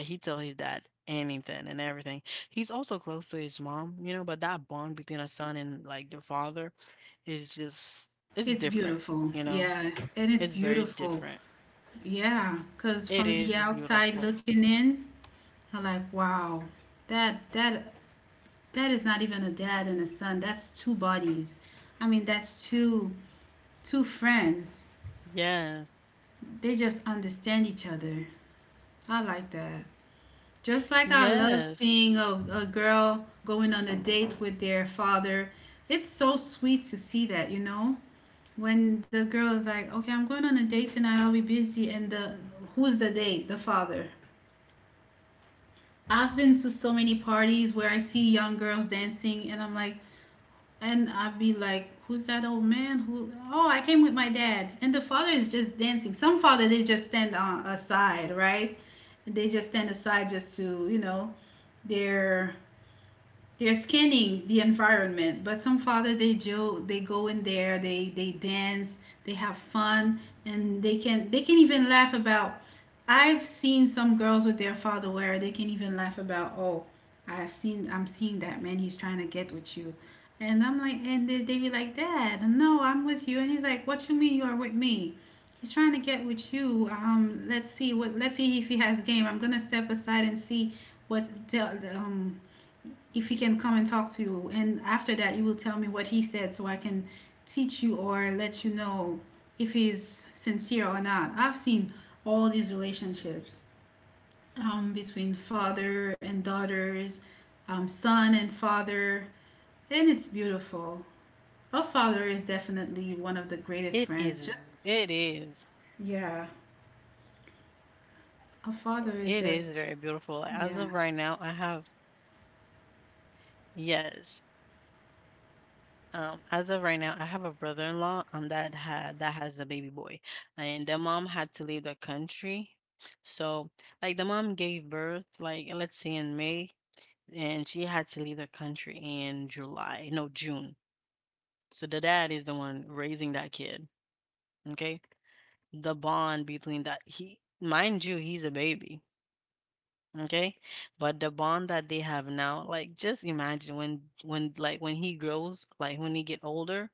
[SPEAKER 1] He tell his dad anything and everything. He's also close to his mom, you know. But that bond between a son and like the father is just
[SPEAKER 2] it's
[SPEAKER 1] it's
[SPEAKER 2] beautiful.
[SPEAKER 1] different,
[SPEAKER 2] Yeah.
[SPEAKER 1] you know.
[SPEAKER 2] And it's
[SPEAKER 1] It's
[SPEAKER 2] beautiful.
[SPEAKER 1] very different.
[SPEAKER 2] Yeah. Cause
[SPEAKER 1] It
[SPEAKER 2] from the
[SPEAKER 1] is
[SPEAKER 2] outside
[SPEAKER 1] beautiful.
[SPEAKER 2] looking in, I'm like, wow, that that is not even a dad and a son. That's two bodies. I mean, that's two friends.
[SPEAKER 1] Yes,
[SPEAKER 2] They just understand each other. I like that. Just like I love
[SPEAKER 1] yes,
[SPEAKER 2] seeing a girl going on a date with their father. It's so sweet to see that. When the girl is like, "Okay, I'm going on a date tonight. I'll be busy." And the who's the date? The father. I've been to so many parties where I see young girls dancing and I'm like, and I'd be like, who's that old man? Who? Oh, I came with my dad. And the father is just dancing. Some father they just stand on aside, right? They just stand aside just to they're they're scanning the environment, but some father they they go in there, they dance, they have fun, and they can even laugh about. I've seen some girls with their father where they can even laugh about. Oh, I've seen, I'm seeing that man, he's trying to get with you. And I'm like, and they be like, dad, no, I'm with you. And he's like, what you mean you are with me? He's trying to get with you. Let's see what, let's see if he has game. I'm gonna step aside and see what tell um if he can come and talk to you. And after that, you will tell me what he said so I can teach you or let you know if he's sincere or not. I've seen all these relationships, between father and daughters, son and father, and it's beautiful. A father is definitely one of the
[SPEAKER 1] it
[SPEAKER 2] greatest
[SPEAKER 1] is.
[SPEAKER 2] friends. Just,
[SPEAKER 1] It is.
[SPEAKER 2] yeah, a father is
[SPEAKER 1] It is
[SPEAKER 2] just,
[SPEAKER 1] very beautiful. Like, as
[SPEAKER 2] yeah,
[SPEAKER 1] of right now, I have yes. As of right now, I have a brother-in-law that had that has a baby boy, and the mom had to leave the country. So, like the mom gave birth, like let's say in May, and she had to leave the country in July, no, June. So the dad is the one raising that kid. Okay, the bond between that he, mind you, he's a baby. Okay. But the bond that they have now, like just imagine when he grows, like when he get older,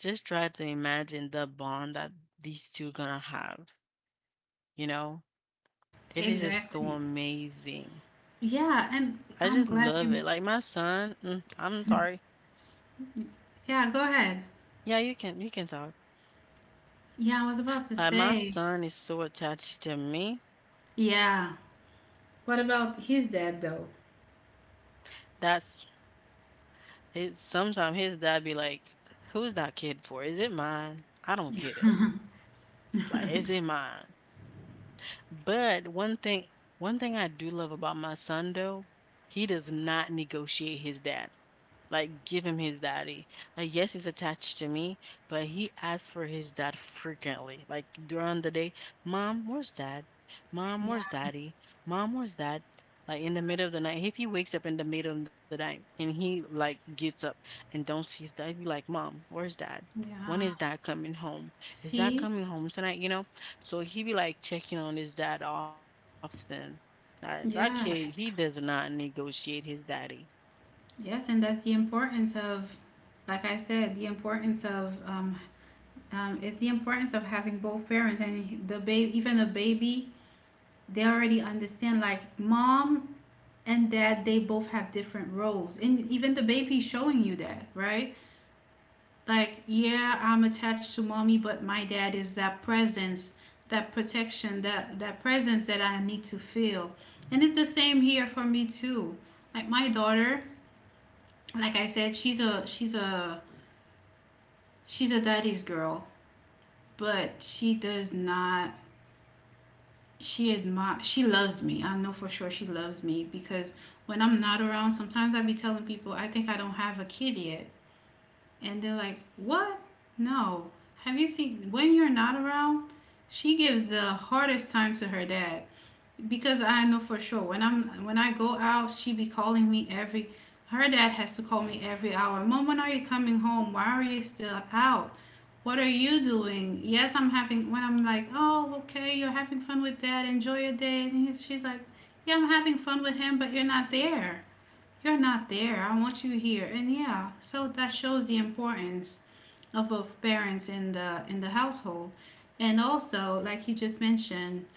[SPEAKER 1] just try to imagine the bond that these two gonna have. You know? It is just so
[SPEAKER 2] exactly.
[SPEAKER 1] amazing.
[SPEAKER 2] Yeah, and
[SPEAKER 1] I
[SPEAKER 2] I'm
[SPEAKER 1] just
[SPEAKER 2] glad
[SPEAKER 1] love it.
[SPEAKER 2] you,
[SPEAKER 1] Like my son, mm, I'm sorry.
[SPEAKER 2] yeah, go ahead.
[SPEAKER 1] Yeah, you can talk.
[SPEAKER 2] Yeah, I was about to
[SPEAKER 1] Like my
[SPEAKER 2] say.
[SPEAKER 1] son is so attached to me.
[SPEAKER 2] Yeah. What about his dad, though?
[SPEAKER 1] That's his sometimes his dad be like, who's that kid for? Is it mine? I don't get
[SPEAKER 2] Yeah.
[SPEAKER 1] it. Like, is it mine? But one thing I do love about my son though, he does not negotiate his dad. Like, give him his daddy. Like, yes, he's attached to me, but he asks for his dad frequently. Like during the day, mom, where's dad? Mom,
[SPEAKER 2] Yeah.
[SPEAKER 1] where's daddy? Mom, where's dad? Like in the middle of the night, if he wakes up in the middle of the night and he like gets up and don't see his dad, he'd be like, mom, where's dad? When
[SPEAKER 2] Yeah.
[SPEAKER 1] is dad coming home? Is dad
[SPEAKER 2] See?
[SPEAKER 1] coming home tonight? You know? So he be like checking on his dad often. That
[SPEAKER 2] Yeah.
[SPEAKER 1] kid, he does not negotiate his daddy.
[SPEAKER 2] Yes. And that's the importance of, like I said, the importance of, it's the importance of having both parents and the baby, even a baby, they already understand like mom and dad, they both have different roles. And even the baby is showing you that, right? Like, yeah, I'm attached to mommy, but my dad is that presence, that protection, that presence that I need to feel. And it's the same here for me too. Like my daughter, like I said, she's a daddy's girl, but she does not she admire, she loves me. I know for sure she loves me because when I'm not around, sometimes I be telling people I think I don't have a kid yet. And they're like, what? No. Have you seen when you're not around? She gives the hardest time to her dad, because I know for sure when I go out, she be calling me every. Her dad has to call me every hour. Mom, when are you coming home? Why are you still out? What are you doing? Yes, I'm having. When I'm like, oh, okay, you're having fun with dad. Enjoy your day. And she's like, yeah, I'm having fun with him, but you're not there. You're not there. I want you here. And yeah, so that shows the importance of both parents in the household. And also, like you just mentioned,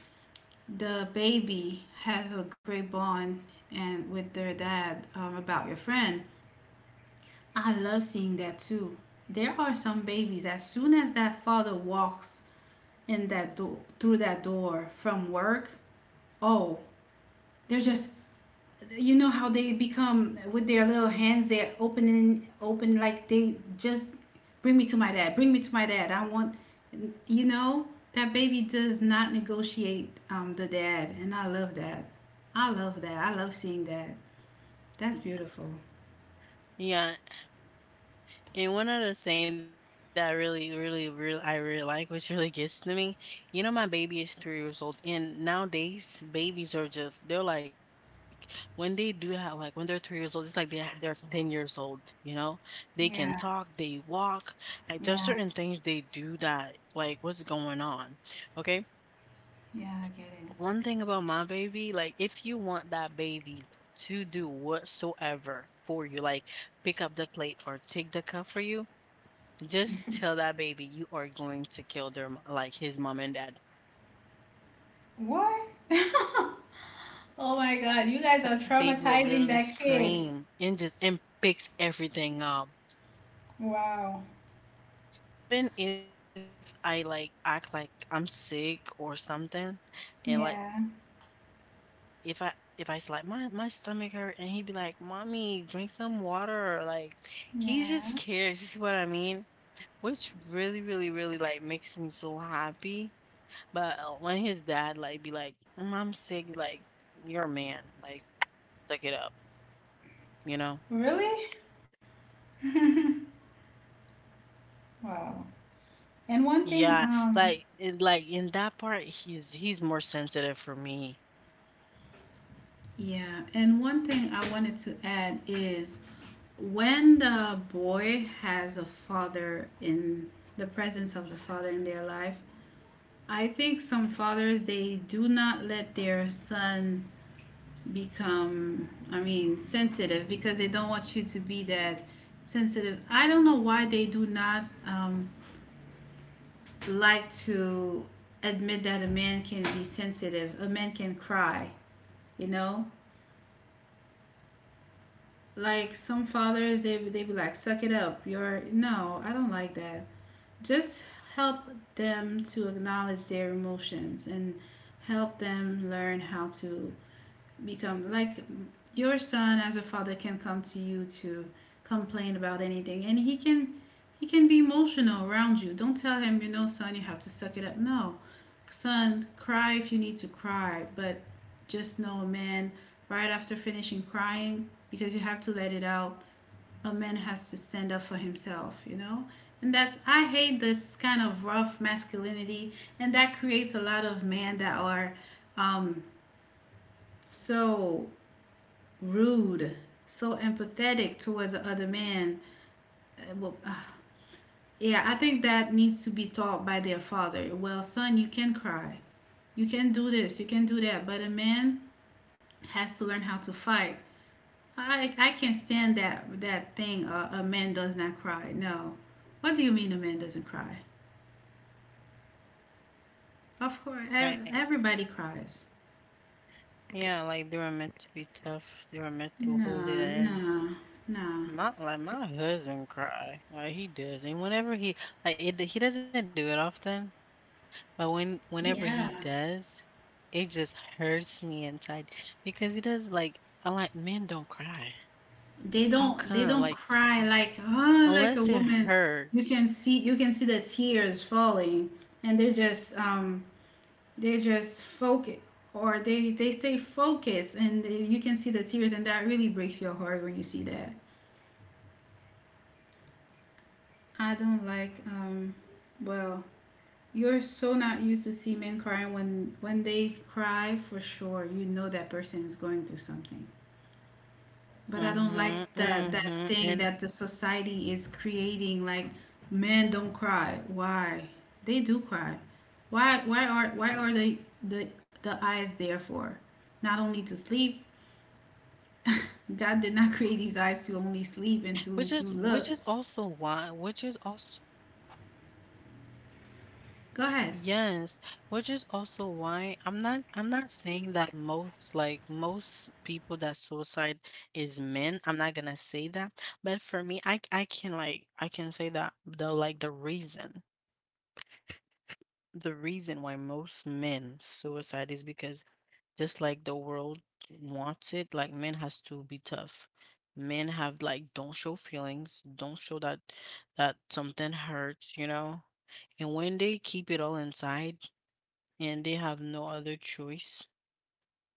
[SPEAKER 2] the baby has a great bond and with their dad, about your friend. I love seeing that too. There are some babies, as soon as that father walks in that door, through that door from work, oh, they're just, you know how they become with their little hands, they're opening open like they just, bring me to my dad, bring me to my dad, I want you know that baby does not negotiate the dad, and I love that. I love that. I love seeing that. That's beautiful.
[SPEAKER 1] Yeah. Yeah, and one other thing that I really, really, really, I really like, which really gets to me, you know, my baby is 3 years old, and nowadays babies are just, they're like, when they do have, like, when they're 3 years old, it's like they're 10 years old. You know, they
[SPEAKER 2] Yeah.
[SPEAKER 1] can talk, they walk. Like,
[SPEAKER 2] Yeah.
[SPEAKER 1] there's certain things they do that, like, what's going on? Okay,
[SPEAKER 2] Yeah, I get it.
[SPEAKER 1] one thing about my baby, like, if you want that baby to do whatsoever for you, like, pick up the plate or take the cup for you just tell that baby you are going to kill their like his mom and dad.
[SPEAKER 2] What? [laughs] Oh my God, you guys are
[SPEAKER 1] Baby
[SPEAKER 2] traumatizing
[SPEAKER 1] will
[SPEAKER 2] that
[SPEAKER 1] literally
[SPEAKER 2] kid.
[SPEAKER 1] scream and just and picks everything up.
[SPEAKER 2] Wow.
[SPEAKER 1] Even if I like act like I'm sick or
[SPEAKER 2] Yeah.
[SPEAKER 1] something, and like if I slap my my stomach hurt and he'd be like, "Mommy, drink some water," or, like he just
[SPEAKER 2] Yeah.
[SPEAKER 1] cares. You see what I mean? Which really really really like makes me so happy. But when his dad like be like, "Mm, I'm sick," like you're a man. Like suck it up, you know?
[SPEAKER 2] Really. Wow. And one thing
[SPEAKER 1] Yeah, like in that part, he's more sensitive for me,
[SPEAKER 2] yeah, and one thing I wanted to add is, when the boy has a father in, the presence of the father in their life, I think some fathers they do not let their son become, I mean, sensitive, because they don't want you to be that sensitive. I don't know why they do not, like to admit that a man can be sensitive, a man can cry, you know? Like some fathers they be like, suck it up, you're no, I don't like that. Just help them to acknowledge their emotions, and help them learn how to become like, your son as a father can come to you to complain about anything, and he can, he can be emotional around you. Don't tell him, you know, son, you have to suck it up. No, son, cry if you need to cry, but just know, man, right after finishing crying, because you have to let it out, a man has to stand up for himself, you know? And that's, I hate this kind of rough masculinity, and that creates a lot of men that are, um so rude, so empathetic towards the other man. Uh, Well, ah, yeah, I think that needs to be taught by their father. Well, son, you can cry. You can do this, you can do that, but a man has to learn how to fight. I can't stand that thing. A man does not cry. No, what do you mean a man doesn't cry? Of course,
[SPEAKER 1] right?
[SPEAKER 2] everybody cries.
[SPEAKER 1] Yeah, like they were meant to be tough. They were meant to hold it
[SPEAKER 2] No,
[SPEAKER 1] in.
[SPEAKER 2] no, no.
[SPEAKER 1] My like my husband cry, like he does, and whenever he like it, he doesn't do it often, but when whenever
[SPEAKER 2] Yeah,
[SPEAKER 1] he does, it just hurts me inside because he does like I'm like men don't cry. How
[SPEAKER 2] they don't
[SPEAKER 1] come?
[SPEAKER 2] they
[SPEAKER 1] Like
[SPEAKER 2] don't cry like,
[SPEAKER 1] unless it
[SPEAKER 2] ah, like a woman.
[SPEAKER 1] hurts.
[SPEAKER 2] You can see the tears falling, and they're just, they're just focus, or they stay focused, and they- you can see the tears, and that really breaks your heart when you see that. I don't like, well you're so not used to see men crying. When they cry, for sure, you know that person is going through something. But I don't like that
[SPEAKER 1] Mm-hmm,
[SPEAKER 2] thing that the
[SPEAKER 1] mm-hmm. And
[SPEAKER 2] society is creating, like, men don't cry. Why? They do cry. Why are they the eyes there for? Not only to sleep. [laughs] God did not create these eyes to only
[SPEAKER 1] which
[SPEAKER 2] sleep
[SPEAKER 1] is
[SPEAKER 2] and to
[SPEAKER 1] which is
[SPEAKER 2] look.
[SPEAKER 1] also why which is also
[SPEAKER 2] Go ahead.
[SPEAKER 1] yes, which is also why I'm not saying that most like most people that suicide is men. I'm not gonna say that. But for me, I can like I can say that the like the reason why most men suicide is because just like the world wants it like men has to be tough men have like don't show feelings don't show that that something hurts you know and when they keep it all inside and they have no other choice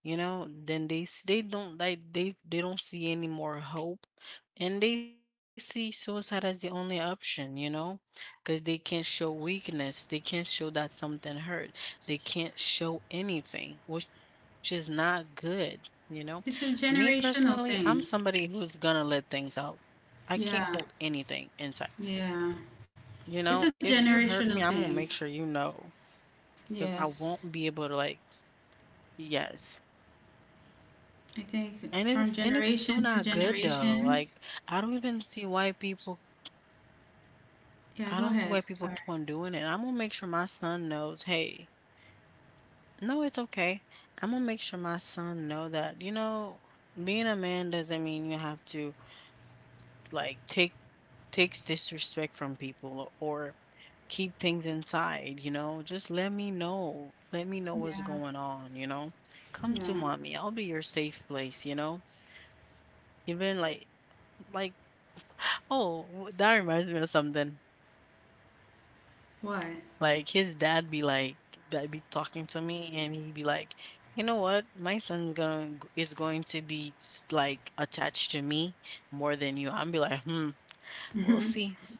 [SPEAKER 1] you know then they don't like they don't see any more hope and they see suicide as the only option you know because they can't show weakness they can't show that something hurt they can't show anything which is not good you know
[SPEAKER 2] It's
[SPEAKER 1] me
[SPEAKER 2] a
[SPEAKER 1] personally I'm
[SPEAKER 2] generational
[SPEAKER 1] somebody
[SPEAKER 2] thing.
[SPEAKER 1] who's gonna let things out I can't hold
[SPEAKER 2] Yeah.
[SPEAKER 1] anything inside
[SPEAKER 2] Yeah.
[SPEAKER 1] you know
[SPEAKER 2] It's a
[SPEAKER 1] if you hurt me I'm
[SPEAKER 2] generational
[SPEAKER 1] gonna make
[SPEAKER 2] thing.
[SPEAKER 1] sure you know because I
[SPEAKER 2] Yes,
[SPEAKER 1] won't be able to like yes.
[SPEAKER 2] I think
[SPEAKER 1] And
[SPEAKER 2] from
[SPEAKER 1] it's so
[SPEAKER 2] generations to
[SPEAKER 1] not good though.
[SPEAKER 2] generations.
[SPEAKER 1] Like I don't even see why people
[SPEAKER 2] Yeah,
[SPEAKER 1] I
[SPEAKER 2] go
[SPEAKER 1] don't see why
[SPEAKER 2] ahead.
[SPEAKER 1] people
[SPEAKER 2] Sorry.
[SPEAKER 1] keep on doing it. I'm gonna make sure my son knows, hey, no, it's okay. I'm gonna make sure my son know that, you know, being a man doesn't mean you have to like take takes disrespect from people or keep things inside, you know. Just let me know. Let me know what's
[SPEAKER 2] Yeah,
[SPEAKER 1] going on, you know. Come to
[SPEAKER 2] yeah.
[SPEAKER 1] mommy. I'll be your safe place, you know, even like oh, w that reminds me of something. Like his
[SPEAKER 2] What?
[SPEAKER 1] dad be like be talking to me, and he be like, "You know what? My son going is going to be like attached to me more than you." I'm be like, "Hmm,
[SPEAKER 2] [laughs] Hmm.
[SPEAKER 1] we'll see."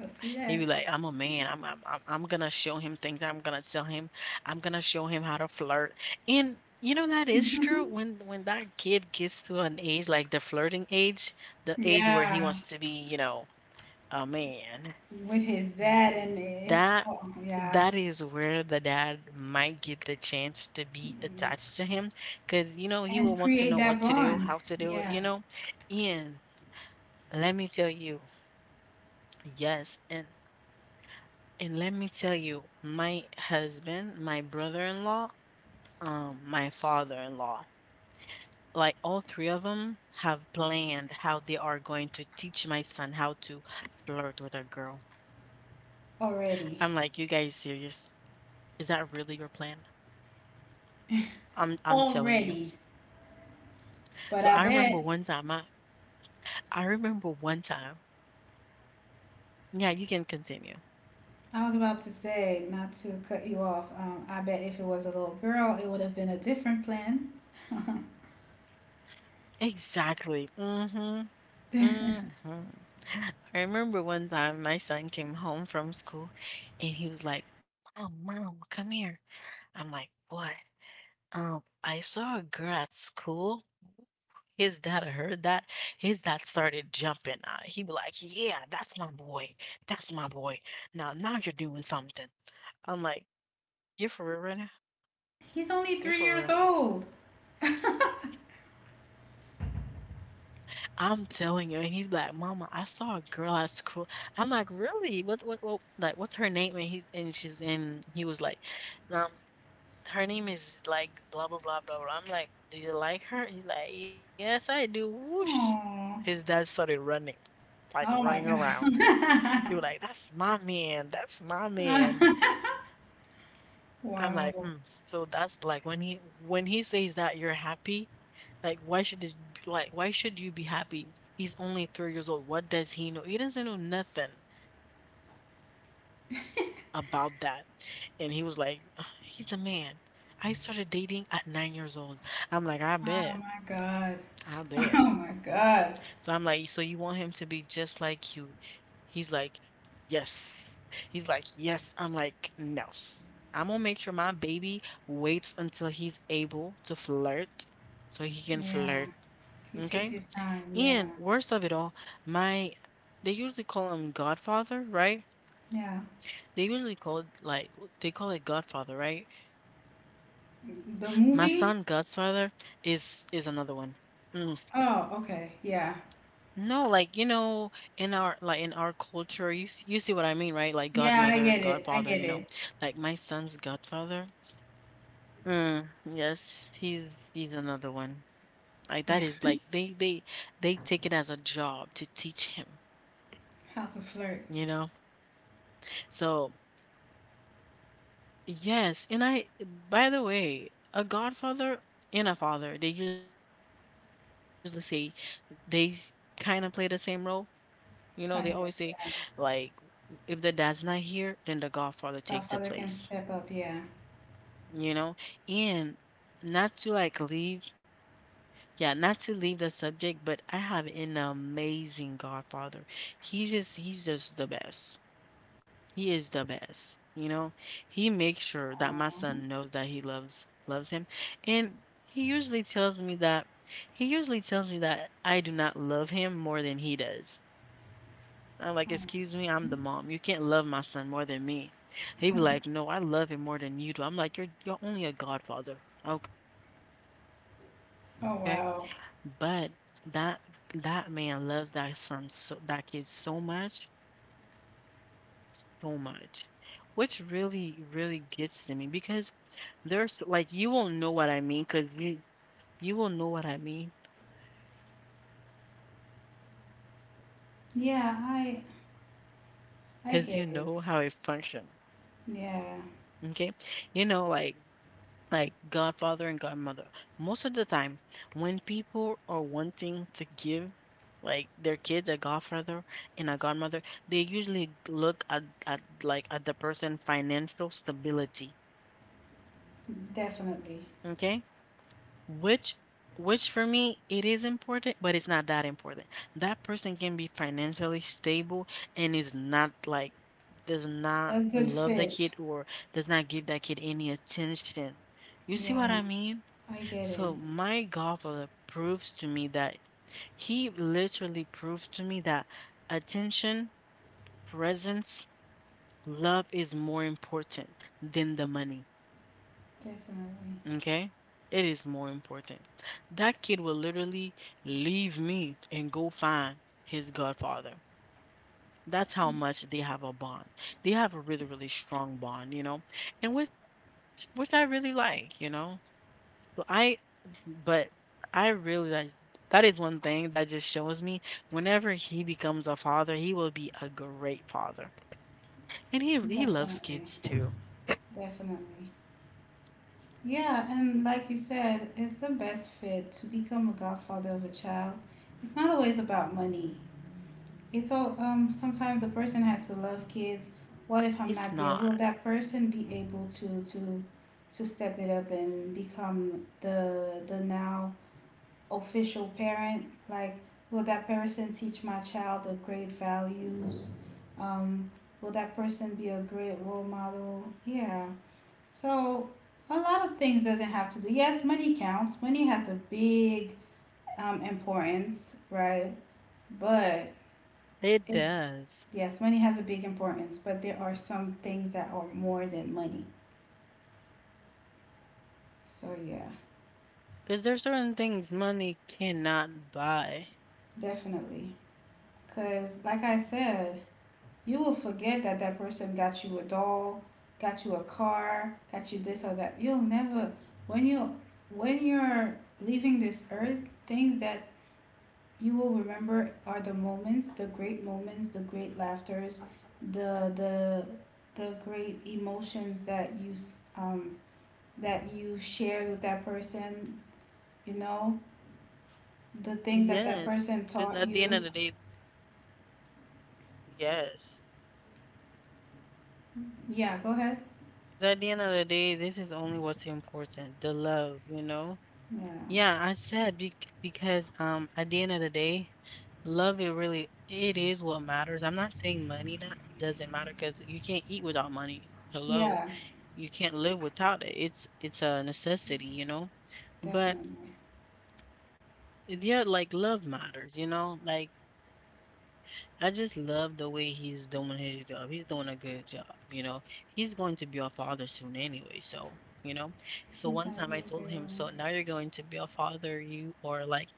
[SPEAKER 2] I see that.
[SPEAKER 1] He be like, "I'm a man. I'm gonna show him things. I'm gonna tell him. I'm gonna show him how to flirt." And you know that is true. When that kid gets to an age like the flirting age, the
[SPEAKER 2] Yeah,
[SPEAKER 1] age where he wants to be, a
[SPEAKER 2] with his
[SPEAKER 1] man.
[SPEAKER 2] dad, and it's,
[SPEAKER 1] that
[SPEAKER 2] oh yeah,
[SPEAKER 1] that is where the dad might get the chance to be attached to him because he will
[SPEAKER 2] and
[SPEAKER 1] want to know
[SPEAKER 2] create
[SPEAKER 1] what
[SPEAKER 2] that
[SPEAKER 1] to do, how
[SPEAKER 2] bond.
[SPEAKER 1] to do it
[SPEAKER 2] Yeah,
[SPEAKER 1] you know And let me tell you, yes, and let me tell you, my husband, my brother-in-law, my father-in-law, like all three of them have planned how they are going to teach my son how to flirt with a girl.
[SPEAKER 2] already,
[SPEAKER 1] I'm like, you guys serious? Is that really your plan? I'm telling
[SPEAKER 2] already.
[SPEAKER 1] you.
[SPEAKER 2] But I
[SPEAKER 1] So
[SPEAKER 2] bet,
[SPEAKER 1] I remember one time. Yeah, you can continue.
[SPEAKER 2] I was about to say, not to cut you off. I bet if it was a little girl, it would have been a different plan.
[SPEAKER 1] Exactly. Mhm. Mhm. I remember one time my son came home from school and he was like, "Oh, mom, come here." I'm like, "What?" I saw a girl at school. His dad heard that. His dad started jumping. He be like, "Yeah, that's my boy. That's my boy. Now you're doing something." I'm like, "You for real right now?
[SPEAKER 2] He's only three
[SPEAKER 1] You
[SPEAKER 2] years
[SPEAKER 1] for real?"
[SPEAKER 2] old.
[SPEAKER 1] I'm telling you. And he's like, "Mama, I saw a girl at school." I'm like, "Really? What? What? What? Like, what's her name?" And he was like, "Um, her name is like blah blah blah blah. I'm like, "Do you like her?" He's like, "Yes, I do." Whoosh! His
[SPEAKER 2] Oh,
[SPEAKER 1] dad started running, like
[SPEAKER 2] oh
[SPEAKER 1] running
[SPEAKER 2] my
[SPEAKER 1] around.
[SPEAKER 2] God.
[SPEAKER 1] He was like, "That's my man. That's my man."
[SPEAKER 2] [laughs]
[SPEAKER 1] I'm
[SPEAKER 2] Wow.
[SPEAKER 1] like,
[SPEAKER 2] Oh
[SPEAKER 1] mm. So that's like when he says that, you're happy. Like why should this like why should you be happy? He's only 3 years old. What does he know? He doesn't know nothing about that. And he was like, "Ugh, he's a man. I started dating at 9 years old." I'm like, I bet.
[SPEAKER 2] my God. [laughs]
[SPEAKER 1] I
[SPEAKER 2] Oh
[SPEAKER 1] bet.
[SPEAKER 2] my God.
[SPEAKER 1] So I'm like, so you want him to be just like you? He's like, yes. He's like, yes. I'm like, no. I'm gonna make sure my baby waits until he's able to flirt so he can
[SPEAKER 2] Yeah.
[SPEAKER 1] flirt.
[SPEAKER 2] He takes
[SPEAKER 1] Okay?
[SPEAKER 2] his time. Yeah.
[SPEAKER 1] And worst of it all, my they usually call him Godfather, right?
[SPEAKER 2] Yeah.
[SPEAKER 1] They usually call it like they call it Godfather, right?
[SPEAKER 2] The
[SPEAKER 1] My
[SPEAKER 2] movie?
[SPEAKER 1] son Godfather is another one.
[SPEAKER 2] Oh, okay. Yeah.
[SPEAKER 1] No, like, you know, in our like in our culture, you you see what I mean, right? Like
[SPEAKER 2] Yeah, I get
[SPEAKER 1] godmother,
[SPEAKER 2] it. I get
[SPEAKER 1] godfather, you
[SPEAKER 2] it.
[SPEAKER 1] know. Like my son's godfather. Mm, yes, he's another one. Like that
[SPEAKER 2] Yeah.
[SPEAKER 1] is like they take it as a job to teach him,
[SPEAKER 2] [laughs] How to flirt.
[SPEAKER 1] you know? So, yes, and I by the way, a godfather and a father, they usually say they kind of play the same role. You know, they always say,
[SPEAKER 2] Kind of.
[SPEAKER 1] like,
[SPEAKER 2] Yeah.
[SPEAKER 1] if the dad's not here, then the godfather takes the place,
[SPEAKER 2] Godfather can step up. Yeah.
[SPEAKER 1] you know? And not to like leave, yeah, not to leave the subject, but I have an amazing godfather. He's just the best. He is the best, you know? He makes sure that my
[SPEAKER 2] Aw.
[SPEAKER 1] son knows that he loves, loves him. And he usually tells me that, he usually tells me that I do not love him more than he does. I'm like, excuse me, I'm the mom. You can't love my son more than me. He'd be like, no, I love him more than you do. I'm like, you're only a godfather, okay? But that
[SPEAKER 2] Oh wow.
[SPEAKER 1] that man loves that son, so that kid so much, so much, which really really gets to me because there's like you will know what I mean because you will know what I mean
[SPEAKER 2] Yeah,
[SPEAKER 1] because you know how it
[SPEAKER 2] I get
[SPEAKER 1] functions.
[SPEAKER 2] it.
[SPEAKER 1] Okay,
[SPEAKER 2] Yeah.
[SPEAKER 1] you know like godfather and godmother. Most of the time, when people are wanting to give like their kids a godfather and a godmother, they usually look at, at the person financial stability.
[SPEAKER 2] Definitely.
[SPEAKER 1] Okay? Which which for me it is important, but it's not that important. That person can be financially stable and is not like does
[SPEAKER 2] A
[SPEAKER 1] not
[SPEAKER 2] good
[SPEAKER 1] love the
[SPEAKER 2] fit.
[SPEAKER 1] kid or does not give that kid any attention. You see what
[SPEAKER 2] Yeah.
[SPEAKER 1] I mean?
[SPEAKER 2] I get it.
[SPEAKER 1] So my godfather proves to me that he literally proved to me that attention, presence, love is more important than the money.
[SPEAKER 2] Definitely.
[SPEAKER 1] Okay? It is more important. That kid will literally leave me and go find his godfather. That's how much they have a bond. They have a really, really strong bond, you know, and which I really like, you know. So but I realized that is one thing that just shows me whenever he becomes a father, he will be a great father. And he loves
[SPEAKER 2] Definitely.
[SPEAKER 1] kids too.
[SPEAKER 2] Definitely. Yeah, and like you said, it's the best fit to become a godfather of a child. It's not always about money. It's all, sometimes the person has to love kids.
[SPEAKER 1] It's
[SPEAKER 2] What
[SPEAKER 1] not.
[SPEAKER 2] if I'm not there? Will that person be able to to step it up and become the now official parent? Like, will that person teach my child the great values? Um, will that person be a great role model? Yeah. So a lot of things doesn't have to do. Yes, money counts. Money has a big, importance, right? But
[SPEAKER 1] It
[SPEAKER 2] it,
[SPEAKER 1] does.
[SPEAKER 2] yes, money has a big importance. But there are some things that are more than money. So yeah,
[SPEAKER 1] Because there's certain things money cannot buy.
[SPEAKER 2] definitely. Cause like I said, you will forget that that person got you a doll, got you a car, got you this or that. You'll never, when you, when you're leaving this earth, things that you will remember are the moments, the great laughters, the the the great emotions that you, um that you shared with that person, you know, the things that that person
[SPEAKER 1] Yes, because
[SPEAKER 2] taught
[SPEAKER 1] at the end of
[SPEAKER 2] you.
[SPEAKER 1] the day, yes.
[SPEAKER 2] Yeah, go ahead.
[SPEAKER 1] Because at the end of the day, this is only what's important, the love, you know?
[SPEAKER 2] Yeah.
[SPEAKER 1] Yeah, I said because at the end of the day, love it is what matters. I'm not saying money that doesn't matter, because you can't eat without money. Hello,
[SPEAKER 2] Yeah,
[SPEAKER 1] you can't live without it. It's a necessity, you know. But
[SPEAKER 2] definitely.
[SPEAKER 1] yeah, like love matters, you know. Like I just love the way he's doing his job. He's doing a good job, you know. He's going to be our father soon anyway, so you know. So one
[SPEAKER 2] He's
[SPEAKER 1] time I
[SPEAKER 2] gonna be
[SPEAKER 1] told
[SPEAKER 2] a
[SPEAKER 1] him,
[SPEAKER 2] great
[SPEAKER 1] so
[SPEAKER 2] one.
[SPEAKER 1] now you're going to be a father, you or like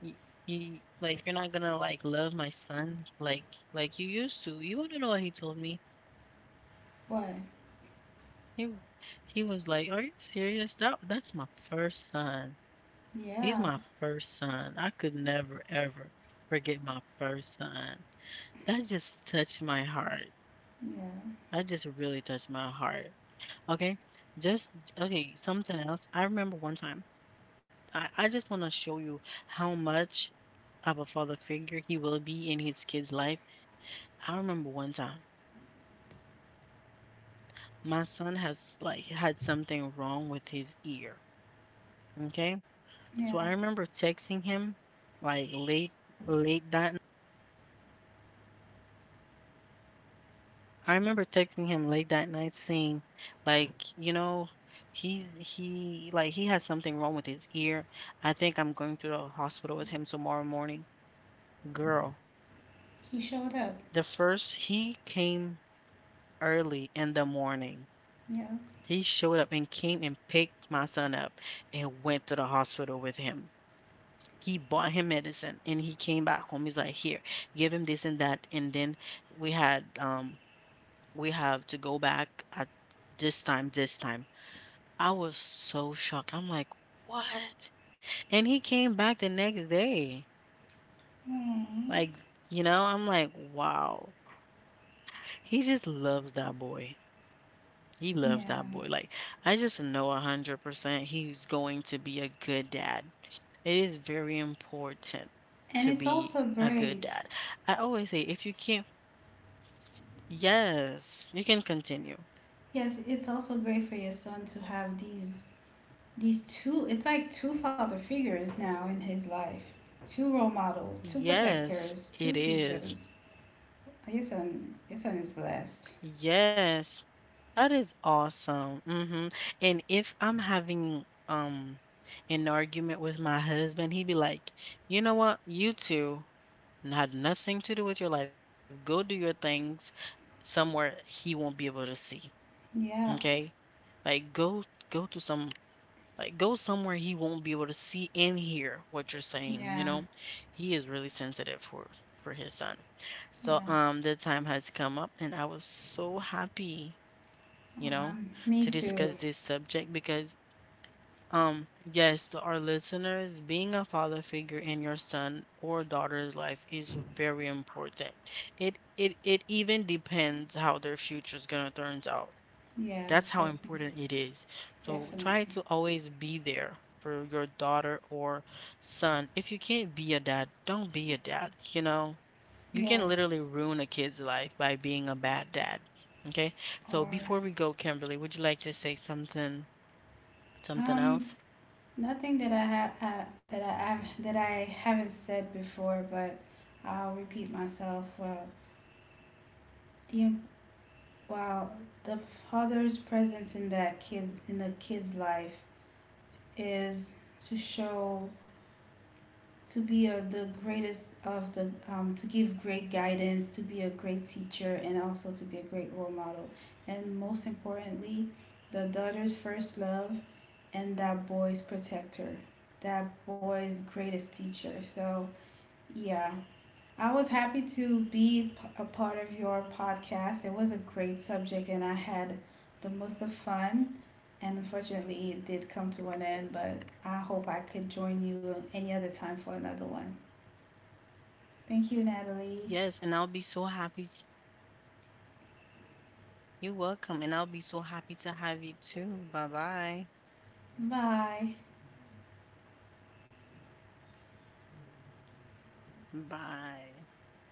[SPEAKER 1] you, you're not gonna like love my son like you used to. You wanna know what he told me?
[SPEAKER 2] What?
[SPEAKER 1] He was like, "Are you serious? That's my first son. He's
[SPEAKER 2] Yeah.
[SPEAKER 1] my first son. I could never ever forget my first son." That just touched my heart.
[SPEAKER 2] Yeah.
[SPEAKER 1] That just really touched my heart. Okay. Something else. I remember one time. I just want to show you how much of a father figure he will be in his kid's life. I remember one time my son has like had something wrong with his ear. Okay. So
[SPEAKER 2] Yeah.
[SPEAKER 1] I remember texting him like late, late that n- I remember texting him late that night saying, like, you know, he's he like he has something wrong with his ear. I think I'm going to the hospital with him tomorrow morning. Girl,
[SPEAKER 2] He
[SPEAKER 1] the
[SPEAKER 2] showed
[SPEAKER 1] first
[SPEAKER 2] up.
[SPEAKER 1] he came early in the morning, He
[SPEAKER 2] Yeah.
[SPEAKER 1] showed up and came and picked my son up and went to the hospital with him. He bought him medicine and he came back home. He's like, here, give him this and that. And then we had um we have to go back at this time, this time. I was so shocked. I'm like, what? And he came back the next day.
[SPEAKER 2] Aww.
[SPEAKER 1] Like, you know, I'm like, wow. He just loves that boy. He loves that
[SPEAKER 2] Yeah.
[SPEAKER 1] boy. Like I just know 100% he's going to be a good dad. It is very important
[SPEAKER 2] And
[SPEAKER 1] to
[SPEAKER 2] it's
[SPEAKER 1] be
[SPEAKER 2] also
[SPEAKER 1] a good
[SPEAKER 2] great.
[SPEAKER 1] dad. I always say if you can't, yes, you can continue.
[SPEAKER 2] Yes, it's also great for your son to have these two. It's like two father figures now in his life, two role model, two
[SPEAKER 1] Yes,
[SPEAKER 2] protectors,
[SPEAKER 1] it
[SPEAKER 2] two
[SPEAKER 1] is.
[SPEAKER 2] teachers. Your son is blessed.
[SPEAKER 1] Yes, that is awesome. Hmm. And if I'm having an argument with my husband, he'd be like, you know what, you two had nothing to do with your life. Go do your things somewhere he won't be able to see.
[SPEAKER 2] Yeah,
[SPEAKER 1] Okay? Like go to some go somewhere he won't be able to see and hear what you're saying, you
[SPEAKER 2] yeah,
[SPEAKER 1] know? He is really sensitive for his son. So
[SPEAKER 2] yeah.
[SPEAKER 1] the time has come up and I was so happy, you know, to
[SPEAKER 2] Me too.
[SPEAKER 1] discuss this subject because, yes, to our listeners, being a father figure in your son or daughter's life is very important. It even depends how their future is gonna turn out.
[SPEAKER 2] Yes,
[SPEAKER 1] That's how
[SPEAKER 2] definitely,
[SPEAKER 1] important it is. So try
[SPEAKER 2] definitely.
[SPEAKER 1] to always be there for your daughter or son. If you can't be a dad, don't be a dad, you know? You can
[SPEAKER 2] Yes,
[SPEAKER 1] literally ruin a kid's life by being a bad dad. Okay? So
[SPEAKER 2] or
[SPEAKER 1] before we go, Kimberly, would you like to say something, something
[SPEAKER 2] um,
[SPEAKER 1] else?
[SPEAKER 2] nothing that I have, that I haven't said before, but I'll repeat myself. Well, the Wow, the father's presence in that kid, in the kid's life, is to show to be a, the greatest of the, to give great guidance, to be a great teacher, and also to be a great role model. And most importantly, the daughter's first love, and that boy's protector, that boy's greatest teacher. So yeah, I was happy to be a part of your podcast. It was a great subject, and I had the most of fun. And unfortunately, it did come to an end, but I hope I could join you any other time for another one. Thank you, Natalie.
[SPEAKER 1] Yes, and I'll be so happy. You're welcome, and I'll be so happy to have you too. Bye-bye.
[SPEAKER 2] Bye.
[SPEAKER 1] Bye. Bye.